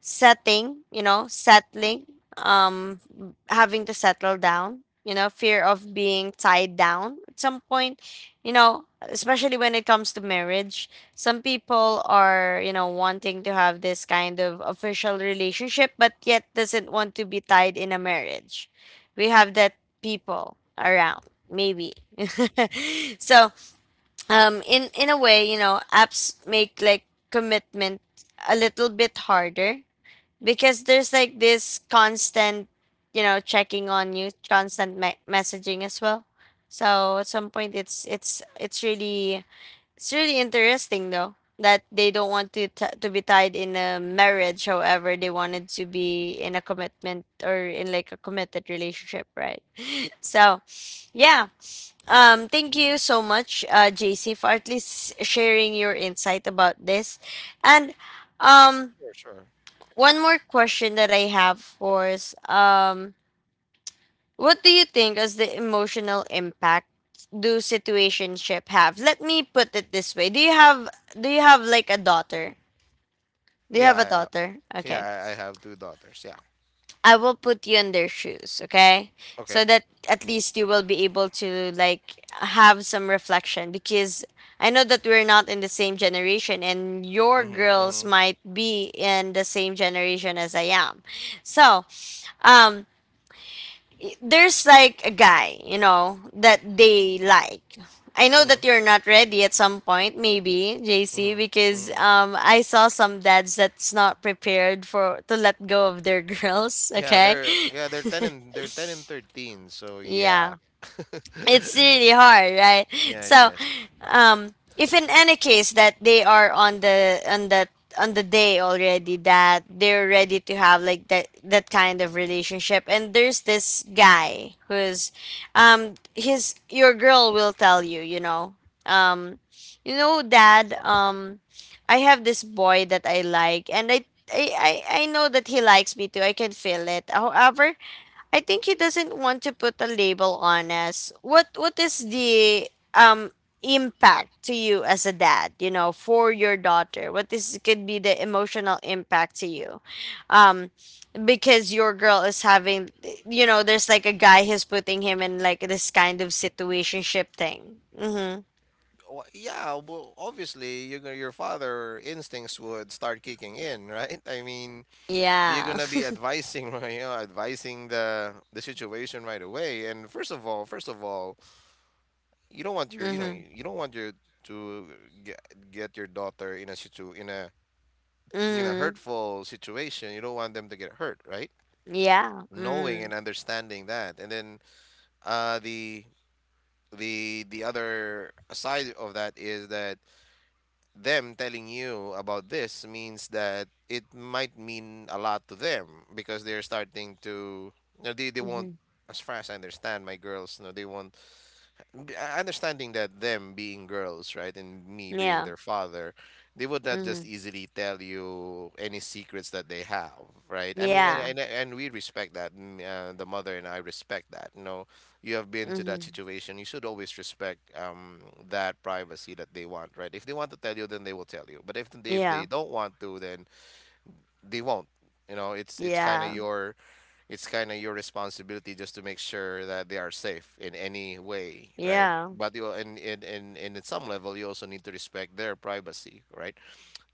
Speaker 1: setting, settling, um, having to settle down, fear of being tied down at some point, especially when it comes to marriage. Some people are, wanting to have this kind of official relationship, but yet doesn't want to be tied in a marriage. We have that people around, maybe. So, in a way, apps make like commitment a little bit harder, because there's like this constant, checking on you, constant messaging as well. So at some point, it's really interesting though, that they don't want to, to be tied in a marriage, however they wanted to be in a commitment or in like a committed relationship, right? So yeah, thank you so much, JC, for at least sharing your insight about this. And, um
Speaker 2: Sure, sure.
Speaker 1: one more question that I have for is, what do you think is the emotional impact do situationship have? Let me put it this way. Do you have, like a daughter? Do you
Speaker 2: Yeah,
Speaker 1: have a
Speaker 2: I, uh,
Speaker 1: daughter? Okay.
Speaker 2: yeah, I I have two daughters. Yeah.
Speaker 1: I will put you in their shoes, okay? So
Speaker 2: Okay.
Speaker 1: that at least you will be able to like have some reflection, because I know that we're not in the same generation and your
Speaker 2: Mm-hmm.
Speaker 1: girls
Speaker 2: Mm-hmm.
Speaker 1: might be in the same generation as I am. So, um there's like a guy, that they like. I know
Speaker 2: Mm-hmm.
Speaker 1: that you're not ready at some point, maybe, JC,
Speaker 2: Mm-hmm.
Speaker 1: because
Speaker 2: Mm-hmm.
Speaker 1: I saw some dads that's not prepared for to let go of their girls,
Speaker 2: Yeah,
Speaker 1: okay?
Speaker 2: they're 10, and they're 10 and 13, so
Speaker 1: Yeah,
Speaker 2: yeah.
Speaker 1: it's really hard, right?
Speaker 2: Yes,
Speaker 1: So
Speaker 2: yes.
Speaker 1: if in any case that they are on the day already that they're ready to have like that kind of relationship, and there's this guy who's, his your girl will tell you, um you know dad, I have this boy that I like and I know that he likes me too, I can feel it, however, I think he doesn't want to put a label on us. What is the impact to you as a dad, for your daughter? What is, could be the emotional impact to you? Um because your girl is having, there's like a guy who's putting him in like this kind of situationship thing. Mhm.
Speaker 2: Yeah, well, obviously, you're gonna, your father instincts would start kicking in, right? I mean, you're
Speaker 1: Yeah.
Speaker 2: gonna be advising, you know, advising the situation right away. And first of all, you don't want your, you know,
Speaker 1: Mhm.
Speaker 2: you don't want your to get, get your daughter in a in a
Speaker 1: Mhm.
Speaker 2: hurtful situation. You don't want them to get hurt, right?
Speaker 1: Yeah.
Speaker 2: Knowing and
Speaker 1: Mhm.
Speaker 2: understanding that, and then, the the other side of that is that them telling you about this means that it might mean a lot to them, because they're starting to, you know, they won't,
Speaker 1: Mhm.
Speaker 2: as far as I understand my girls, you know, they won't, understanding that them being girls, right, and me being
Speaker 1: Yeah.
Speaker 2: their father, they would not just
Speaker 1: Mhm.
Speaker 2: easily tell you any secrets that they have, right? I mean, and
Speaker 1: Yeah.
Speaker 2: and, and we respect that. The mother and I respect that. You know, you have been to that
Speaker 1: Mhm.
Speaker 2: situation. You should always respect, that privacy that they want, right? If they want to tell you, then they will tell you. But if they
Speaker 1: Yeah.
Speaker 2: don't want to, then they won't. You know, it's kind of
Speaker 1: Yeah.
Speaker 2: your, it's kind of your responsibility just to make sure that they are safe in any way, right?
Speaker 1: Yeah.
Speaker 2: But you, and at some level, you also need to respect their privacy, right?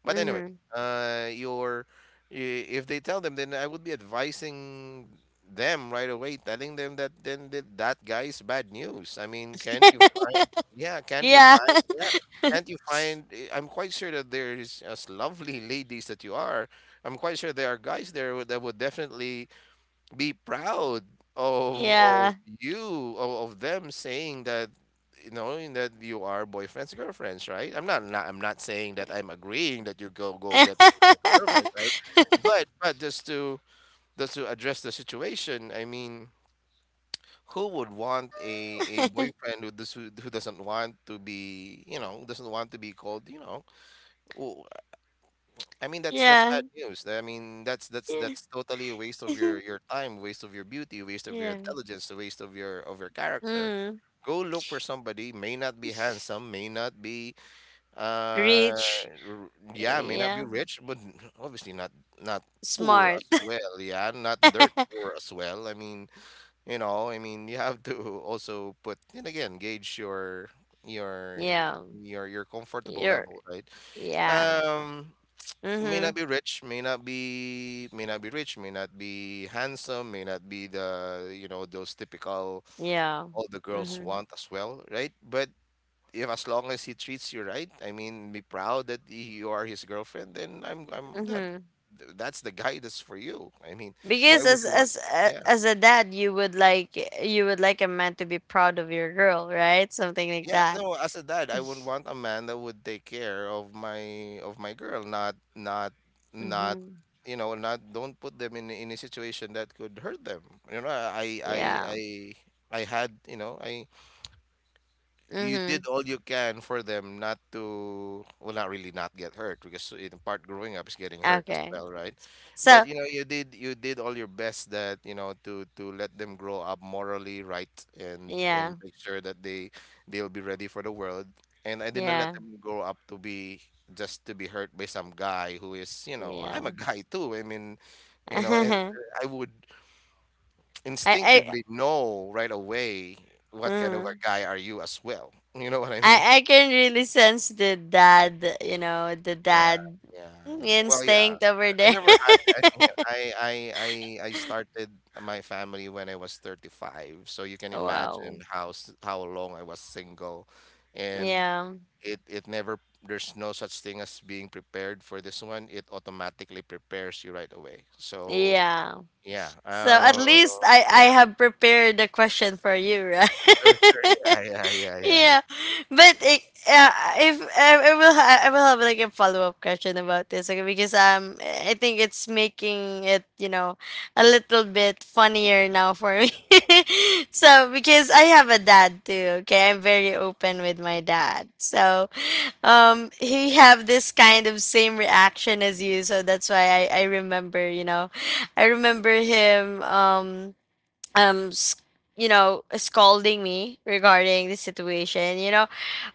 Speaker 2: But anyway,
Speaker 1: Mm-hmm.
Speaker 2: your, if they tell them, then I would be advising them right away, telling them that then that guy is bad news. I mean, can't you find? Yeah, can't you
Speaker 1: Yeah,
Speaker 2: find? Yeah, can't you find? I'm quite sure that there is as lovely ladies that you are. I'm quite sure there are guys there, that would definitely be proud of
Speaker 1: yeah.
Speaker 2: you, of them saying that, you know, in that you are boyfriends girlfriends, right? I'm not saying that I'm agreeing that you go get boyfriends girlfriends, right? But just to address the situation. I mean, who would want a, boyfriend who doesn't want to be, you know, doesn't want to be called, you know? I mean, that's
Speaker 1: yeah. Yeah.
Speaker 2: bad news. I mean, that's totally a waste of your time, waste of your beauty, waste of your
Speaker 1: yeah.
Speaker 2: intelligence, a waste of your, character.
Speaker 1: Mm.
Speaker 2: Go look for somebody may not be handsome, may not be, uh
Speaker 1: Rich.
Speaker 2: yeah, may not be
Speaker 1: Yeah.
Speaker 2: rich, but, obviously, not, not poor
Speaker 1: Smart.
Speaker 2: as well, yeah, not dirt poor as well. I mean, you know, I mean, you have to also put and again gauge your
Speaker 1: yeah.
Speaker 2: your comfortable
Speaker 1: You're
Speaker 2: level, right?
Speaker 1: yeah.
Speaker 2: Um may not
Speaker 1: Mm-hmm.
Speaker 2: be rich, may not be rich, may not be handsome, may not be the, you know, those typical
Speaker 1: Yeah.
Speaker 2: all the girls
Speaker 1: Mm-hmm.
Speaker 2: want as well, right? But if, as long as he treats you right, I mean, be proud that you are his girlfriend, then I'm I'm that,
Speaker 1: Mm-hmm.
Speaker 2: that's the guy that's for you. I mean, why
Speaker 1: Because
Speaker 2: would
Speaker 1: as
Speaker 2: you want?
Speaker 1: as a-
Speaker 2: Yeah.
Speaker 1: as a dad, you would like a man to be proud of your girl, right? Something like
Speaker 2: Yeah,
Speaker 1: that.
Speaker 2: no, as a dad, I would want a man that would take care of my, girl, not, not,
Speaker 1: Mm-hmm.
Speaker 2: you know, not don't put them in a situation that could hurt them. You know, I I I
Speaker 1: Yeah.
Speaker 2: I I had, I you did
Speaker 1: Mm-hmm.
Speaker 2: all you can for them not to, well, not really not get hurt, because in part growing up is getting hurt as
Speaker 1: Okay.
Speaker 2: well, right? But
Speaker 1: So
Speaker 2: you know, you did all your best that you know to let them grow up morally right, and
Speaker 1: yeah.
Speaker 2: make sure that they'll be ready for the world. And I didn't let
Speaker 1: Yeah.
Speaker 2: them grow up to be just to be hurt by some guy who is, you know, I'm
Speaker 1: Yeah.
Speaker 2: a guy too, I mean, you know and I would
Speaker 1: I
Speaker 2: instinctively know right away what kind of a
Speaker 1: mm,
Speaker 2: guy are you as well. You know what I mean?
Speaker 1: I can really sense the dad, you know, the
Speaker 2: Yeah,
Speaker 1: dad
Speaker 2: yeah, yeah. Well, yeah, yeah.
Speaker 1: instinct over
Speaker 2: I
Speaker 1: there.
Speaker 2: never had. I think I started my family when I was 35, so you can
Speaker 1: wow.
Speaker 2: imagine how s- how long I was single. And
Speaker 1: Yeah.
Speaker 2: it never. There's no such thing as being prepared for this one. It automatically prepares you right away. So
Speaker 1: Yeah.
Speaker 2: yeah,
Speaker 1: So at least I
Speaker 2: yeah,
Speaker 1: have prepared the question for you, right?
Speaker 2: sure, sure, yeah, yeah, yeah, yeah.
Speaker 1: Yeah, but uh, if I will have like a follow up question about this, okay, because I think it's making it, a little bit funnier now for me. So because I have a dad too, okay, I'm very open with my dad. So he have this kind of same reaction as you, so that's why I remember I remember him um s- you know, scolding me regarding the situation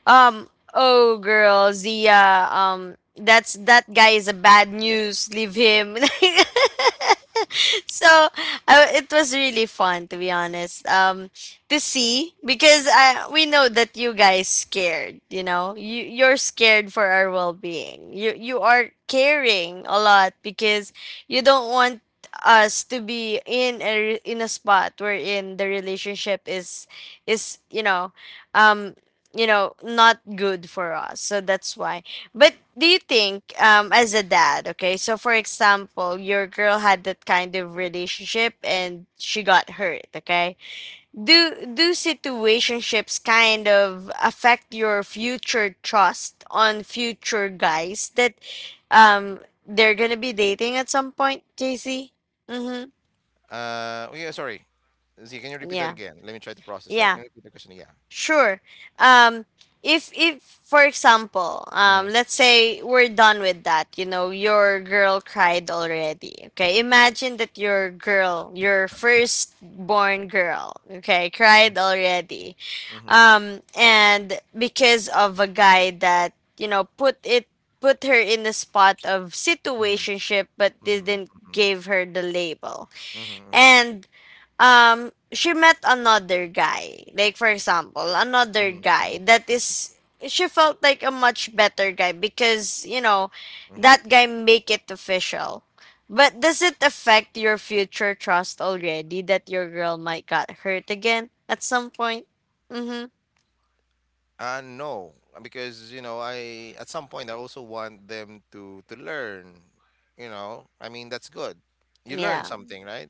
Speaker 1: um oh girl Zia, that's that guy is a bad news, leave him. So it was really fun to be honest, to see because I we know that you guys scared, you're scared for our well-being, you are caring a lot because you don't want us to be in a in a spot wherein the relationship is um not good for us, so that's why. But do you think, as a dad, okay, so for example, your girl had that kind of relationship and she got hurt, okay? Do situationships kind of affect your future trust on future guys that they're gonna be dating at some point, JC? Mm-hmm.
Speaker 2: Oh yeah, sorry. Z, can you repeat that
Speaker 1: Yeah.
Speaker 2: again? Let me try to process that.
Speaker 1: Yeah.
Speaker 2: Can you repeat the question? Yeah.
Speaker 1: Sure. Um, if for example,
Speaker 2: Mm-hmm.
Speaker 1: let's say we're done with that. You know, your girl cried already. Okay, imagine that your girl, your firstborn girl, okay, cried already,
Speaker 2: Mm-hmm.
Speaker 1: and because of a guy that you know put it put her in the spot of
Speaker 2: Mm-hmm.
Speaker 1: situationship, but
Speaker 2: Mm-hmm.
Speaker 1: didn't
Speaker 2: Mm-hmm.
Speaker 1: give her the label.
Speaker 2: Mm-hmm. Mm-hmm. Mm-hmm.
Speaker 1: And she met another guy, like for example another
Speaker 2: Mm-hmm.
Speaker 1: guy
Speaker 2: Mm-hmm.
Speaker 1: that is, she felt like a much better guy because you know
Speaker 2: Mm-hmm.
Speaker 1: that guy make it official. But does it affect your future trust already that your girl might got hurt again at some point? Mm-hmm.
Speaker 2: No, because you know, I at some point I also want them to learn. You know, I mean, that's good. You learn
Speaker 1: Yeah.
Speaker 2: something, right?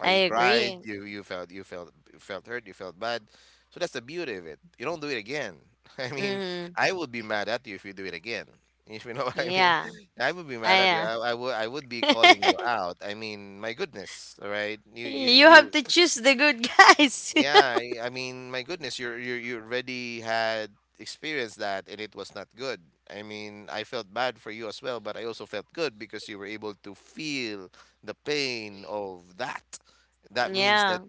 Speaker 2: How
Speaker 1: I
Speaker 2: you cried,
Speaker 1: agree.
Speaker 2: you you felt hurt, you felt bad. So that's the beauty of it. You don't do it again. I mean,
Speaker 1: Mm-hmm.
Speaker 2: I would be mad at you if you do it again. If you know what I mean,
Speaker 1: Yeah.
Speaker 2: I would be mad at you.
Speaker 1: i
Speaker 2: I would be calling you
Speaker 1: uh,
Speaker 2: out. I mean, my goodness, all right? You you
Speaker 1: you
Speaker 2: you
Speaker 1: have to choose the good guys.
Speaker 2: yeah, I mean, my goodness, you already had experienced that, and it was not good. I mean, I felt bad for you as well, but I also felt good because you were able to feel the pain of that. That means
Speaker 1: Yeah.
Speaker 2: that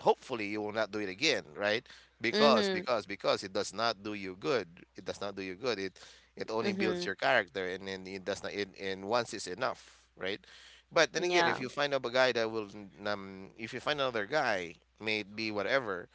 Speaker 2: hopefully you will not do it again, right?
Speaker 1: Mm-hmm.
Speaker 2: Because it does not do you good. It does not do you good. It only
Speaker 1: Mm-hmm.
Speaker 2: builds your character, and then it does not. It, and once is enough, right? But then again, if
Speaker 1: Yeah.
Speaker 2: you find up a guy that will, if you find another guy, may it be whatever,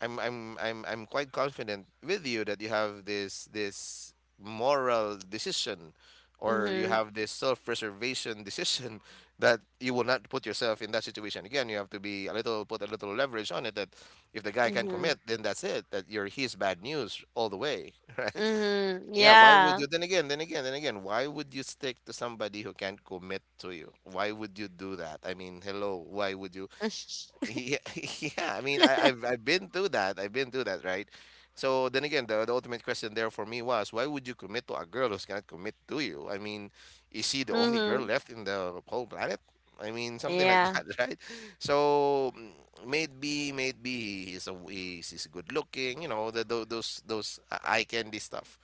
Speaker 2: I'm quite confident with you that you have this this moral decision, or you
Speaker 1: Mhm.
Speaker 2: have this self-preservation decision, that you will not put yourself in that situation again. You have to be a little, put a little leverage on it, that if the guy can
Speaker 1: Mhm.
Speaker 2: commit, then that's it. That you're, he's bad news all the way. Right?
Speaker 1: Mhm.
Speaker 2: Yeah, why would
Speaker 1: Yeah.
Speaker 2: you, then again, why would you stick to somebody who can't commit to you? Why would you do that? I mean, hello, why would you? Yeah, yeah. I mean, I've been through that. I've been through that, right? So then again, the ultimate question there for me was, why would you commit to a girl who's gonna commit to you? I mean, is she the only girl
Speaker 1: Mhm.
Speaker 2: left in the whole planet? I mean, something like
Speaker 1: Yeah.
Speaker 2: that, right? So mm, maybe he's he's good looking, you know, tho- those eye candy stuff.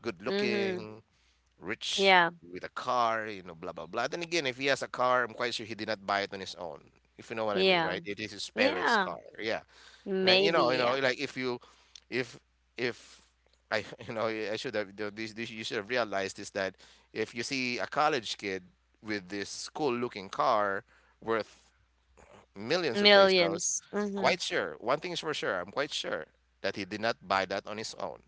Speaker 2: Good
Speaker 1: Mhm.
Speaker 2: looking, rich,
Speaker 1: Yeah.
Speaker 2: with a car, you know, blah blah blah. Then again, if he has a car, I'm quite sure he did not buy it on his own. If you know what I mean,
Speaker 1: Yeah.
Speaker 2: right? It is his parents'
Speaker 1: Yeah.
Speaker 2: car. Yeah. Right. You
Speaker 1: Maybe.
Speaker 2: know,
Speaker 1: Yeah.
Speaker 2: like if you if if I, you know, I should have done this, this, you should have realized, is that if you see a college kid with this cool looking car worth millions of pesos.
Speaker 1: Millions. Mhm.
Speaker 2: Quite sure. One thing is for sure. I'm quite sure that he did not buy that on his own.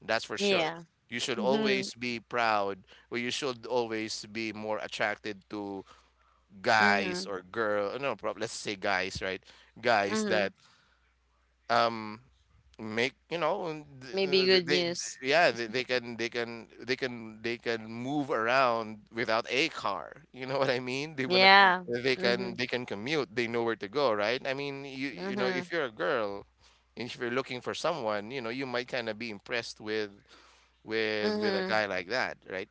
Speaker 2: That's for sure.
Speaker 1: Yeah.
Speaker 2: You should
Speaker 1: Mhm.
Speaker 2: always be proud, or you should always be more attracted to guys
Speaker 1: Mhm.
Speaker 2: or girl. No, prob- let's say guys, right? Guys that
Speaker 1: Mhm.
Speaker 2: um make you know, and
Speaker 1: Maybe
Speaker 2: th- th- th-
Speaker 1: good
Speaker 2: they,
Speaker 1: news.
Speaker 2: yeah, they, they can move around without a car, you know, what I mean, they wanna,
Speaker 1: Yeah. Mhm.
Speaker 2: they can commute, they know where to go, right? I mean, you know, if
Speaker 1: Mhm.
Speaker 2: you're a girl and if you're looking for someone, you know, you might kind of be impressed with with a
Speaker 1: Mhm.
Speaker 2: guy like that, right?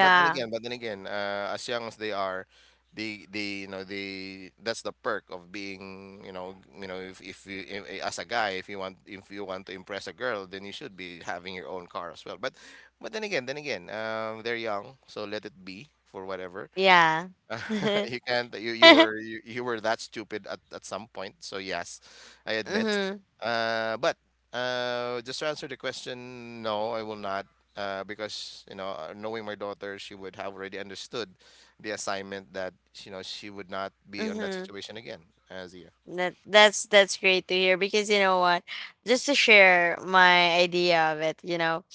Speaker 2: But but then again, as young as they are, the you know, the that's the perk of being, you know, you know, if you I- as a guy, if you want, if you want to impress a girl, then you should be having your own car as well. But then again, they're young, so let it be for whatever.
Speaker 1: Yeah.
Speaker 2: You can't. You were that stupid at some point. So yes, I admit.
Speaker 1: Mhm.
Speaker 2: But just to answer the question, no, I will not. Because you know, knowing my daughter, she would have already understood the assignment, that you know, she would not be on that
Speaker 1: Mhm.
Speaker 2: situation again. As yeah.
Speaker 1: That's great to hear, because you know what? Just to share my idea of it, you know.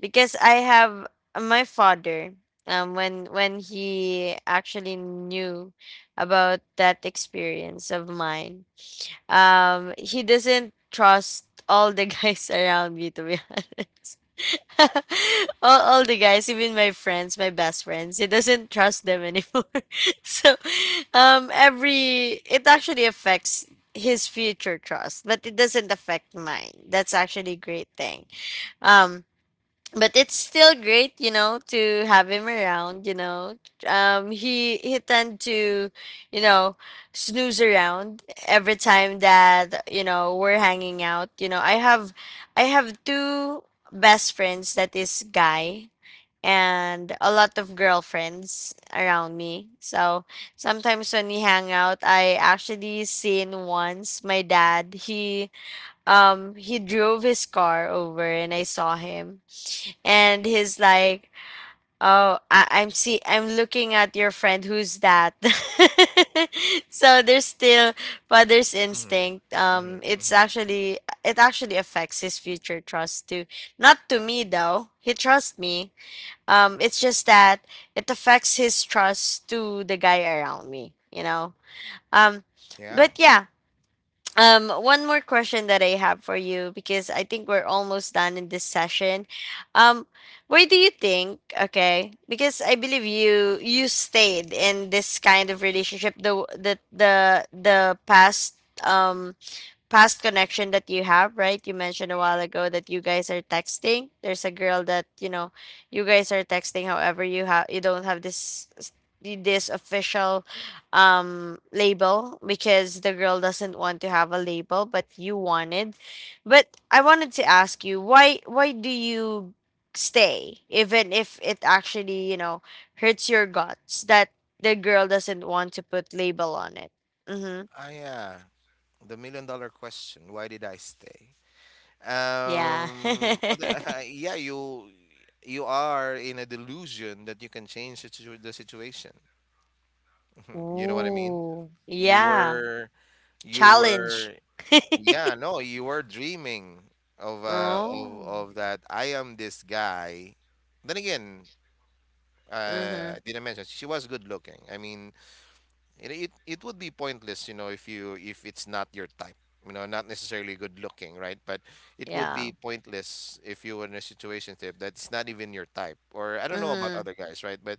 Speaker 1: Because I have, my father, when he actually knew about that experience of mine, he doesn't trust all the guys around me, to be honest. All the guys, even my friends, my best friends, he doesn't trust them anymore. So every, it actually affects his future trust, but it doesn't affect mine. That's actually a great thing. um but it's still great, you know, to have him around, you know. He tend to, you know, snooze around every time that, you know, we're hanging out. You know, I have two best friends that is guy and a lot of girlfriends around me. So sometimes when we hang out, I actually seen once my dad, he drove his car over and I saw him, and he's like, oh, I'm looking at your friend, who's that? So there's still father's instinct.
Speaker 2: Mm-hmm.
Speaker 1: It's
Speaker 2: Mm-hmm.
Speaker 1: actually, it actually affects his future trust too. Not to me though, he trusts me. It's just that it affects his trust to the guy around me, you know. um
Speaker 2: Yeah.
Speaker 1: but yeah. One more question that I have for you, because I think we're almost done in this session. Um, where do you think? Okay, because I believe you you stayed in this kind of relationship, the the past past connection that you have, right? You mentioned a while ago that you guys are texting. There's a girl that, you know, you guys are texting. However, you have, you don't have this this official label because the girl doesn't want to have a label, but you wanted, but I wanted to ask you, why do you stay even if it actually, you know, hurts your guts that the girl doesn't want to put label on it? Mm-hmm.
Speaker 2: Ah, yeah. The million dollar question. Why did I stay?
Speaker 1: Yeah.
Speaker 2: Other, yeah, you are in a delusion that you can change the situ- the situation. You know what I mean?
Speaker 1: Ooh,
Speaker 2: You
Speaker 1: yeah,
Speaker 2: were you
Speaker 1: challenge.
Speaker 2: were yeah, no, you were dreaming of
Speaker 1: Oh,
Speaker 2: of that, I am this guy. Then again, I
Speaker 1: mhm,
Speaker 2: didn't mention she was good looking. I mean, it would be pointless, you know, if you, if it's not your type, you know, not necessarily good looking, right? But it would be
Speaker 1: yeah,
Speaker 2: pointless if you were in a situation tip that's not even your type, or I don't know about
Speaker 1: mhm,
Speaker 2: other guys, right? But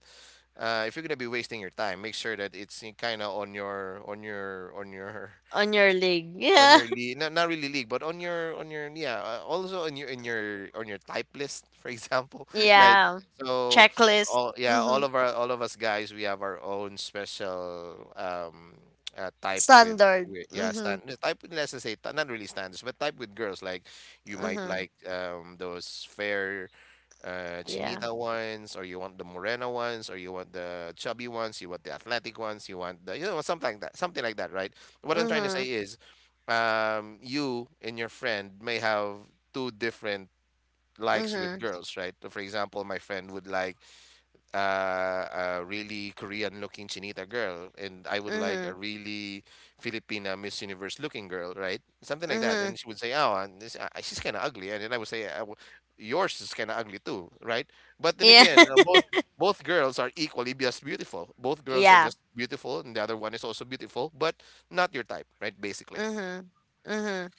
Speaker 2: if you're gonna be wasting your time, make sure that it's kind of on your
Speaker 1: on your leg,
Speaker 2: on
Speaker 1: yeah,
Speaker 2: your league, not, not really league, but on your, on your, yeah, also on your, in your, on your type list, for example, right?
Speaker 1: yeah,
Speaker 2: So
Speaker 1: checklist,
Speaker 2: all, yeah, all
Speaker 1: mhm,
Speaker 2: of our, all of us guys, we have our own special um, type with,
Speaker 1: standard,
Speaker 2: with yeah, stand,
Speaker 1: mhm,
Speaker 2: type, let's just say t- not really standards, but type with girls. Like you might
Speaker 1: mhm,
Speaker 2: like those fair,
Speaker 1: yeah,
Speaker 2: chinita ones, or you want the morena ones, or you want the chubby ones, you want the athletic ones, you want the, you know, something like that, right? What I'm trying to say
Speaker 1: mhm,
Speaker 2: is, you and your friend may have two different likes with
Speaker 1: mhm,
Speaker 2: girls, right? So for example, my friend would like a really Korean looking Chinita girl, and I would like a
Speaker 1: mhm,
Speaker 2: really Filipina Miss Universe looking girl, right? Something like that.
Speaker 1: mhm,
Speaker 2: And she would say, "Oh, and this, she's kind of ugly," and then I would say, w- "Yours is kind of ugly too, right?" But then
Speaker 1: yeah,
Speaker 2: again, both, both girls are equally just beautiful. Both girls are
Speaker 1: yeah,
Speaker 2: just beautiful, and the other one is also beautiful, but not your type, right? Basically.
Speaker 1: mhm, mhm.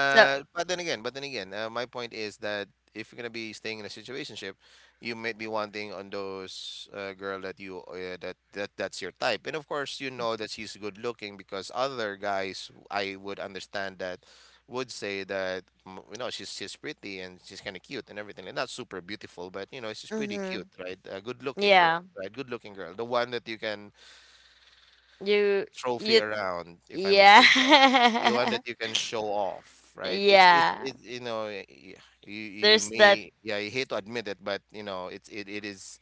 Speaker 1: So,
Speaker 2: But but then again, my point is that if you're gonna be staying in a situationship, you might be wanting on those girl that you that's your type, and of course you know that she's good looking, because other guys, I would understand that would say that mm, you know, she's pretty and she's kind of cute and everything, and not super beautiful, but you know, she's pretty cute,
Speaker 1: mhm,
Speaker 2: right? A good looking girl,
Speaker 1: yeah,
Speaker 2: right? Good looking girl, the one that you can
Speaker 1: you,
Speaker 2: trophy
Speaker 1: you,
Speaker 2: around, if I may
Speaker 1: yeah,
Speaker 2: say so. You want that, you can show off, right? It's
Speaker 1: yeah.
Speaker 2: it you know, y- y- you
Speaker 1: There's that,
Speaker 2: may, yeah, you hate to admit it, but you know, it is,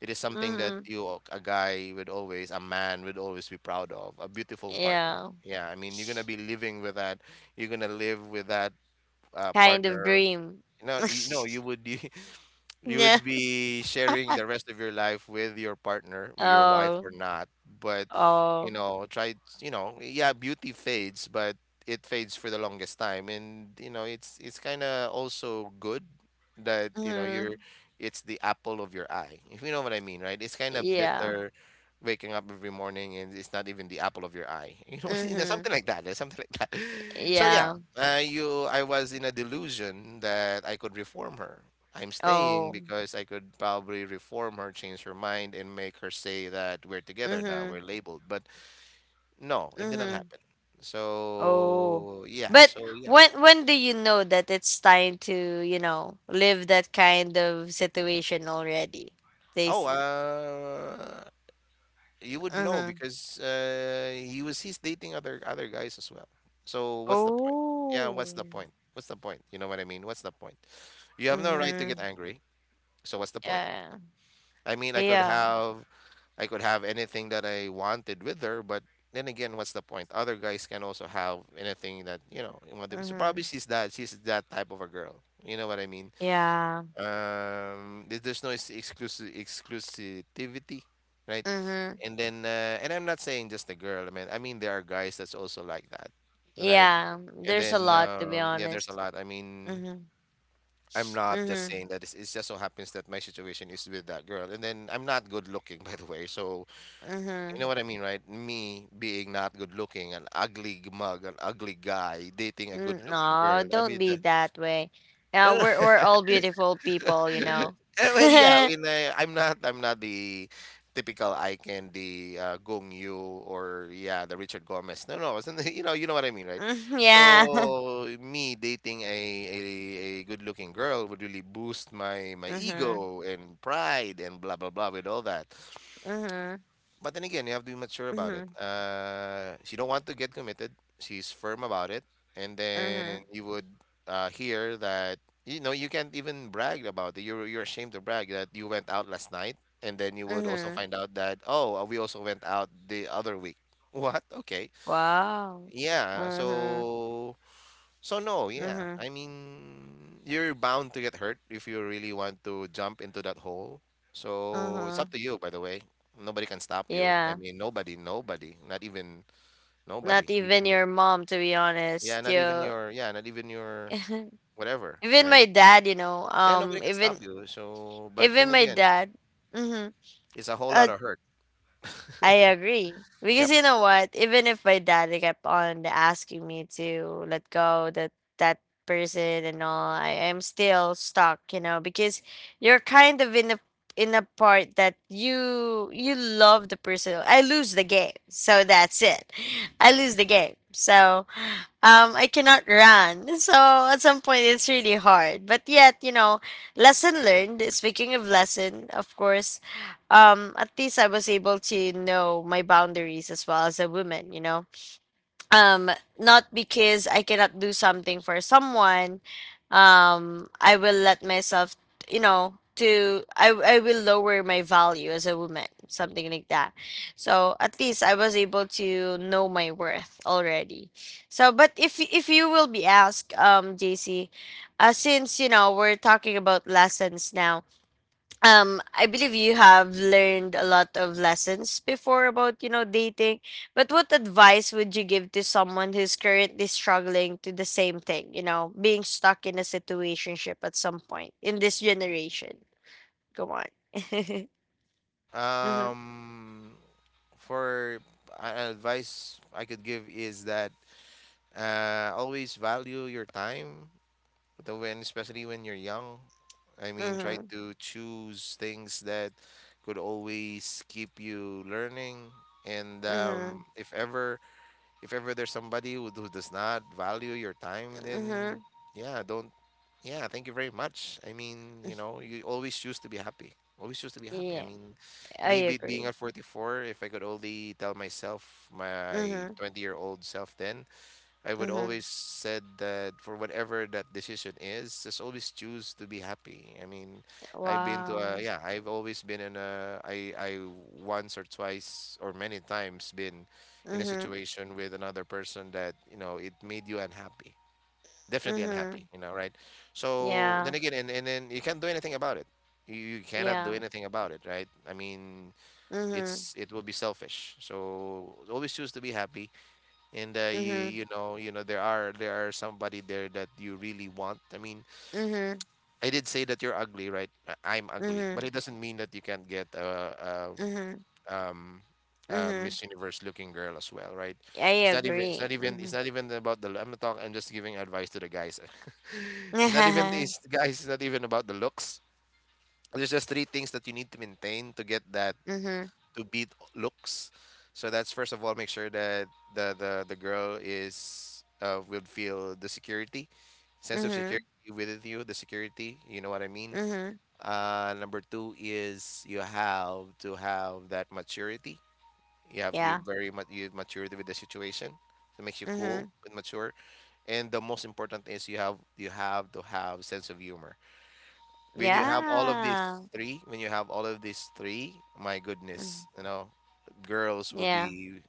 Speaker 2: it is something that
Speaker 1: mhm,
Speaker 2: you, a guy would always, a man would always be proud of a beautiful partner.
Speaker 1: yeah.
Speaker 2: Yeah, I mean, you're gonna be living with that, you're gonna live with that
Speaker 1: Kind of
Speaker 2: partner.
Speaker 1: dream.
Speaker 2: No, you know, you would, you
Speaker 1: Yeah.
Speaker 2: would be sharing the rest of your life with your partner, with your wife
Speaker 1: Oh.
Speaker 2: or not. But you
Speaker 1: Oh.
Speaker 2: know, try, you know, yeah, beauty fades, but it fades for the longest time, and you know, it's kind of also good that you know you're,
Speaker 1: Mhm.
Speaker 2: it's the apple of your eye, if you know what I mean, right? It's kind of
Speaker 1: Yeah.
Speaker 2: bitter waking up every morning, and it's not even the apple of your eye. You know,
Speaker 1: Mhm.
Speaker 2: something like that, something like that. So yeah.
Speaker 1: Yeah.
Speaker 2: Uh, you i was in a delusion that I could reform her. I'm staying
Speaker 1: Oh.
Speaker 2: because I could probably reform her, change her mind, and make her say that we're together now, we're
Speaker 1: Mhm.
Speaker 2: labeled. But no, it did not
Speaker 1: Mhm.
Speaker 2: happen.
Speaker 1: Oh.
Speaker 2: So yeah,
Speaker 1: But
Speaker 2: so yeah.
Speaker 1: when do you know that it's time to, you know, live that kind of situation already?
Speaker 2: Oh,
Speaker 1: Stacy.
Speaker 2: you would know
Speaker 1: Mhm.
Speaker 2: because he's dating other guys as well. So what's the point? Yeah, what's the
Speaker 1: Oh.
Speaker 2: point? What's the point? You know what I mean? What's the point? You have no right to get
Speaker 1: Mhm.
Speaker 2: angry. So what's the point?
Speaker 1: Yeah.
Speaker 2: I mean, I could
Speaker 1: Yeah.
Speaker 2: have I could have anything that I wanted with her, but then again, what's the point? Other guys can also have anything that you know so probably
Speaker 1: Mhm.
Speaker 2: she's that. She's that type of a girl. You know what I mean?
Speaker 1: Yeah.
Speaker 2: There's no exclusive exclusivity, right?
Speaker 1: Mhm.
Speaker 2: And then, and I'm not saying just the girl. I mean, there are guys that's also like that, right?
Speaker 1: Yeah.
Speaker 2: And
Speaker 1: There's a
Speaker 2: then,
Speaker 1: lot, to be
Speaker 2: yeah, there's a
Speaker 1: honest.
Speaker 2: lot. I mean,
Speaker 1: Mhm.
Speaker 2: I'm not just
Speaker 1: Mhm,
Speaker 2: saying that. It's just so happens that my situation is with that girl. And then I'm not good looking, by the way. So you know
Speaker 1: mhm.
Speaker 2: what I mean, right? Me being not good looking, an ugly mug, an ugly guy dating a good
Speaker 1: Mm,
Speaker 2: looking
Speaker 1: no,
Speaker 2: girl. I
Speaker 1: don't
Speaker 2: mean,
Speaker 1: be that way. Yeah,
Speaker 2: no, no.
Speaker 1: we're all beautiful people, you know.
Speaker 2: I mean, yeah. I mean, I'm not. I'm not the typical eye candy, Gong Yu, or yeah, the Richard Gomez. No, no, it's not- You know what I mean, right?
Speaker 1: Mm, yeah.
Speaker 2: So me dating a, a good looking girl would really boost my
Speaker 1: Mhm,
Speaker 2: ego and pride and blah blah blah with all that.
Speaker 1: mhm,
Speaker 2: But then again, you have to be mature about it.
Speaker 1: mhm,
Speaker 2: She don't want to get committed. She's firm about it, and then
Speaker 1: mhm,
Speaker 2: you would hear that, you know, you can't even brag about it. You're ashamed to brag that you went out last night, and then you would also
Speaker 1: mhm.
Speaker 2: find out that, oh, we also went out the other week. What? Okay.
Speaker 1: Wow.
Speaker 2: Yeah.
Speaker 1: Mhm,
Speaker 2: So no, yeah.
Speaker 1: mhm,
Speaker 2: I mean, you're bound to get hurt if you really want to jump into that hole. So it's
Speaker 1: mhm.
Speaker 2: up to you, by the way. Nobody can stop you. I
Speaker 1: Yeah.
Speaker 2: mean, nobody, nobody, not even nobody.
Speaker 1: Not even
Speaker 2: Even
Speaker 1: your mom, to be
Speaker 2: yeah,
Speaker 1: honest.
Speaker 2: not even
Speaker 1: You,
Speaker 2: your yeah, not even your whatever,
Speaker 1: even
Speaker 2: right?
Speaker 1: my dad, you know.
Speaker 2: Yeah, nobody can
Speaker 1: Even
Speaker 2: stop you. So, but then
Speaker 1: even my
Speaker 2: again,
Speaker 1: dad. Mhm.
Speaker 2: it's a whole
Speaker 1: Uh,
Speaker 2: lot of hurt.
Speaker 1: I agree. Because
Speaker 2: Yep.
Speaker 1: you know what? Even if my dad kept on asking me to let go that that person and all, I am still stuck, you know, because you're kind of in a part that you love the person. I lose the game. So that's it. I lose the game. So I cannot run. So at some point, it's really hard. But yet, you know, lesson learned. Speaking of lesson, of course, at least I was able to know my boundaries as well as a woman, you know. um Not because I cannot do something for someone, I will let myself, you know, to I will lower my value as a woman, something like that. So at least I was able to know my worth already. So, but if you will be asked, JC, since you know we're talking about lessons now, I believe you have learned a lot of lessons before about, you know, dating, but what advice would you give to someone who's currently struggling to the same thing, you know, being stuck in a situationship at some point in this generation? Go on. Mm-hmm,
Speaker 2: Um, for advice I could give is that, always value your time. But the when, especially when you're young, I mean, try
Speaker 1: mm-hmm,
Speaker 2: to choose things that could always keep you learning, and
Speaker 1: mm-hmm,
Speaker 2: if ever, there's somebody who does not value your time, then
Speaker 1: mm-hmm.
Speaker 2: yeah, don't. Yeah, thank you very much. I mean, you know, you always choose to be happy. Always choose to be happy. I
Speaker 1: Yeah,
Speaker 2: mean,
Speaker 1: I
Speaker 2: me being
Speaker 1: agree.
Speaker 2: at 44, if I could only tell myself, my
Speaker 1: Mm-hmm,
Speaker 2: 20-year-old self, then I would
Speaker 1: mm-hmm.
Speaker 2: always said that for whatever that decision is, just always choose to be happy. I mean, I've been to a
Speaker 1: Wow.
Speaker 2: yeah, I've always been in a I I, once or twice or many times, been in a
Speaker 1: Mm-hmm,
Speaker 2: situation with another person that, you know, it made you unhappy. Definitely
Speaker 1: mm-hmm.
Speaker 2: unhappy, you know, right? So
Speaker 1: Yeah.
Speaker 2: then again, and then you can't do anything about it. You cannot
Speaker 1: Yeah.
Speaker 2: do anything about it, right? I mean,
Speaker 1: Mm-hmm,
Speaker 2: it will be selfish. So always choose to be happy, and
Speaker 1: mm-hmm,
Speaker 2: you you know, there are somebody there that you really want, I mean,
Speaker 1: mm-hmm,
Speaker 2: I did say that you're ugly, right? I'm ugly, but
Speaker 1: mm-hmm,
Speaker 2: it doesn't mean that you can't get a
Speaker 1: mm-hmm,
Speaker 2: um a
Speaker 1: hmm.
Speaker 2: Miss Universe looking girl as well, right?
Speaker 1: I
Speaker 2: it's not even it's
Speaker 1: agree.
Speaker 2: not even it's
Speaker 1: Mhm.
Speaker 2: not even about the I'm not talking I'm just giving advice to the guys. It's not even about the looks. There's just three things that you need to maintain to get that,
Speaker 1: Mhm. Mhm.
Speaker 2: to beat looks. So that's, first of all, make sure that the girl is will feel the security, sense of security within you, the security. You know what I mean.
Speaker 1: Mhm.
Speaker 2: Number two is you have to have that maturity. You have to be
Speaker 1: Yeah.
Speaker 2: very much you maturity with the situation. It makes you cool
Speaker 1: Mhm.
Speaker 2: and mature. And the most important is you have to have sense of humor. When you have all of these
Speaker 1: Yeah.
Speaker 2: three, when you have all of these three, my goodness,
Speaker 1: Mhm.
Speaker 2: you know, girls will
Speaker 1: Yeah.
Speaker 2: be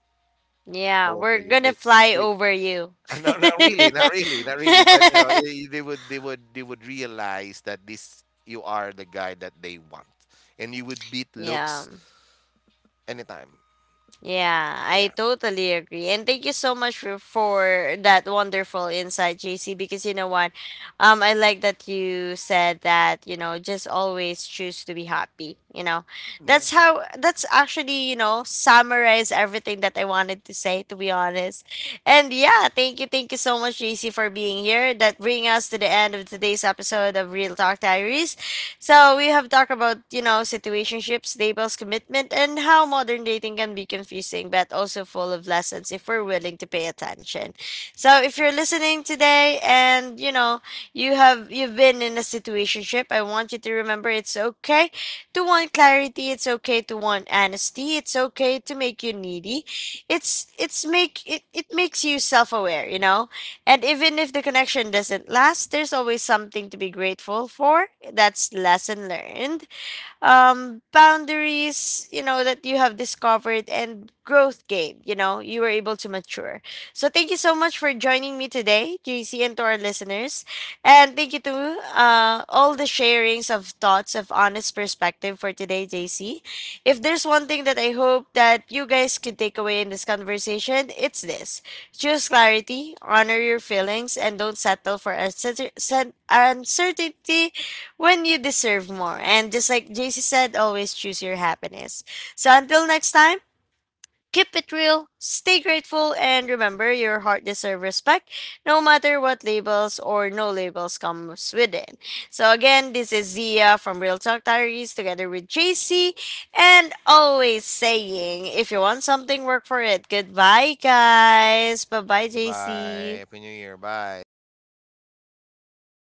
Speaker 1: Yeah.
Speaker 2: all over
Speaker 1: We're
Speaker 2: you.
Speaker 1: gonna fly
Speaker 2: It,
Speaker 1: over you.
Speaker 2: no, not really, not really, not really. But you know, I they would, they would, they would realize that this you are the guy that they want, and you would beat
Speaker 1: Yeah.
Speaker 2: looks anytime.
Speaker 1: Yeah,
Speaker 2: Yeah.
Speaker 1: I totally agree. And thank you so much for that wonderful insight, JC, because you know what? I like that you said that, you know, just always choose to be happy, you know.
Speaker 2: Yeah.
Speaker 1: That's how, that's actually, you know, summarize everything that I wanted to say, to be honest. And yeah, thank you so much, JC, for being here. That bring us to the end of today's episode of Real Talk Diaries. So we have talked about, you know, situationships, labels, commitment, and how modern dating can be confusing, but also full of lessons if we're willing to pay attention. So if you're listening today and, you know, you've been in a situationship, I want you to remember, it's okay to want clarity, it's okay to want honesty, it's okay to make you needy. It makes you self aware, you know? And even if the connection doesn't last, there's always something to be grateful for. That's lesson learned, boundaries, you know, that you have discovered, and growth gained. You know, you were able to mature. So thank you so much for joining me today, JC, and to our listeners. And thank you to all the sharings of thoughts of honest perspective for today, JC. If there's one thing that I hope that you guys could take away in this conversation, it's this. Choose clarity, honor your feelings, and don't settle for uncertainty when you deserve more. And just like JC said, always choose your happiness. So until next time, keep it real, stay grateful, and remember your heart deserves respect no matter what labels or no labels comes with it. So again, this is Zia from Real Talk Diaries together with JC, and always saying, if you want something, work for it. Goodbye guys. Bye bye,
Speaker 2: Bye.
Speaker 1: JC.
Speaker 2: Happy New Year. Bye.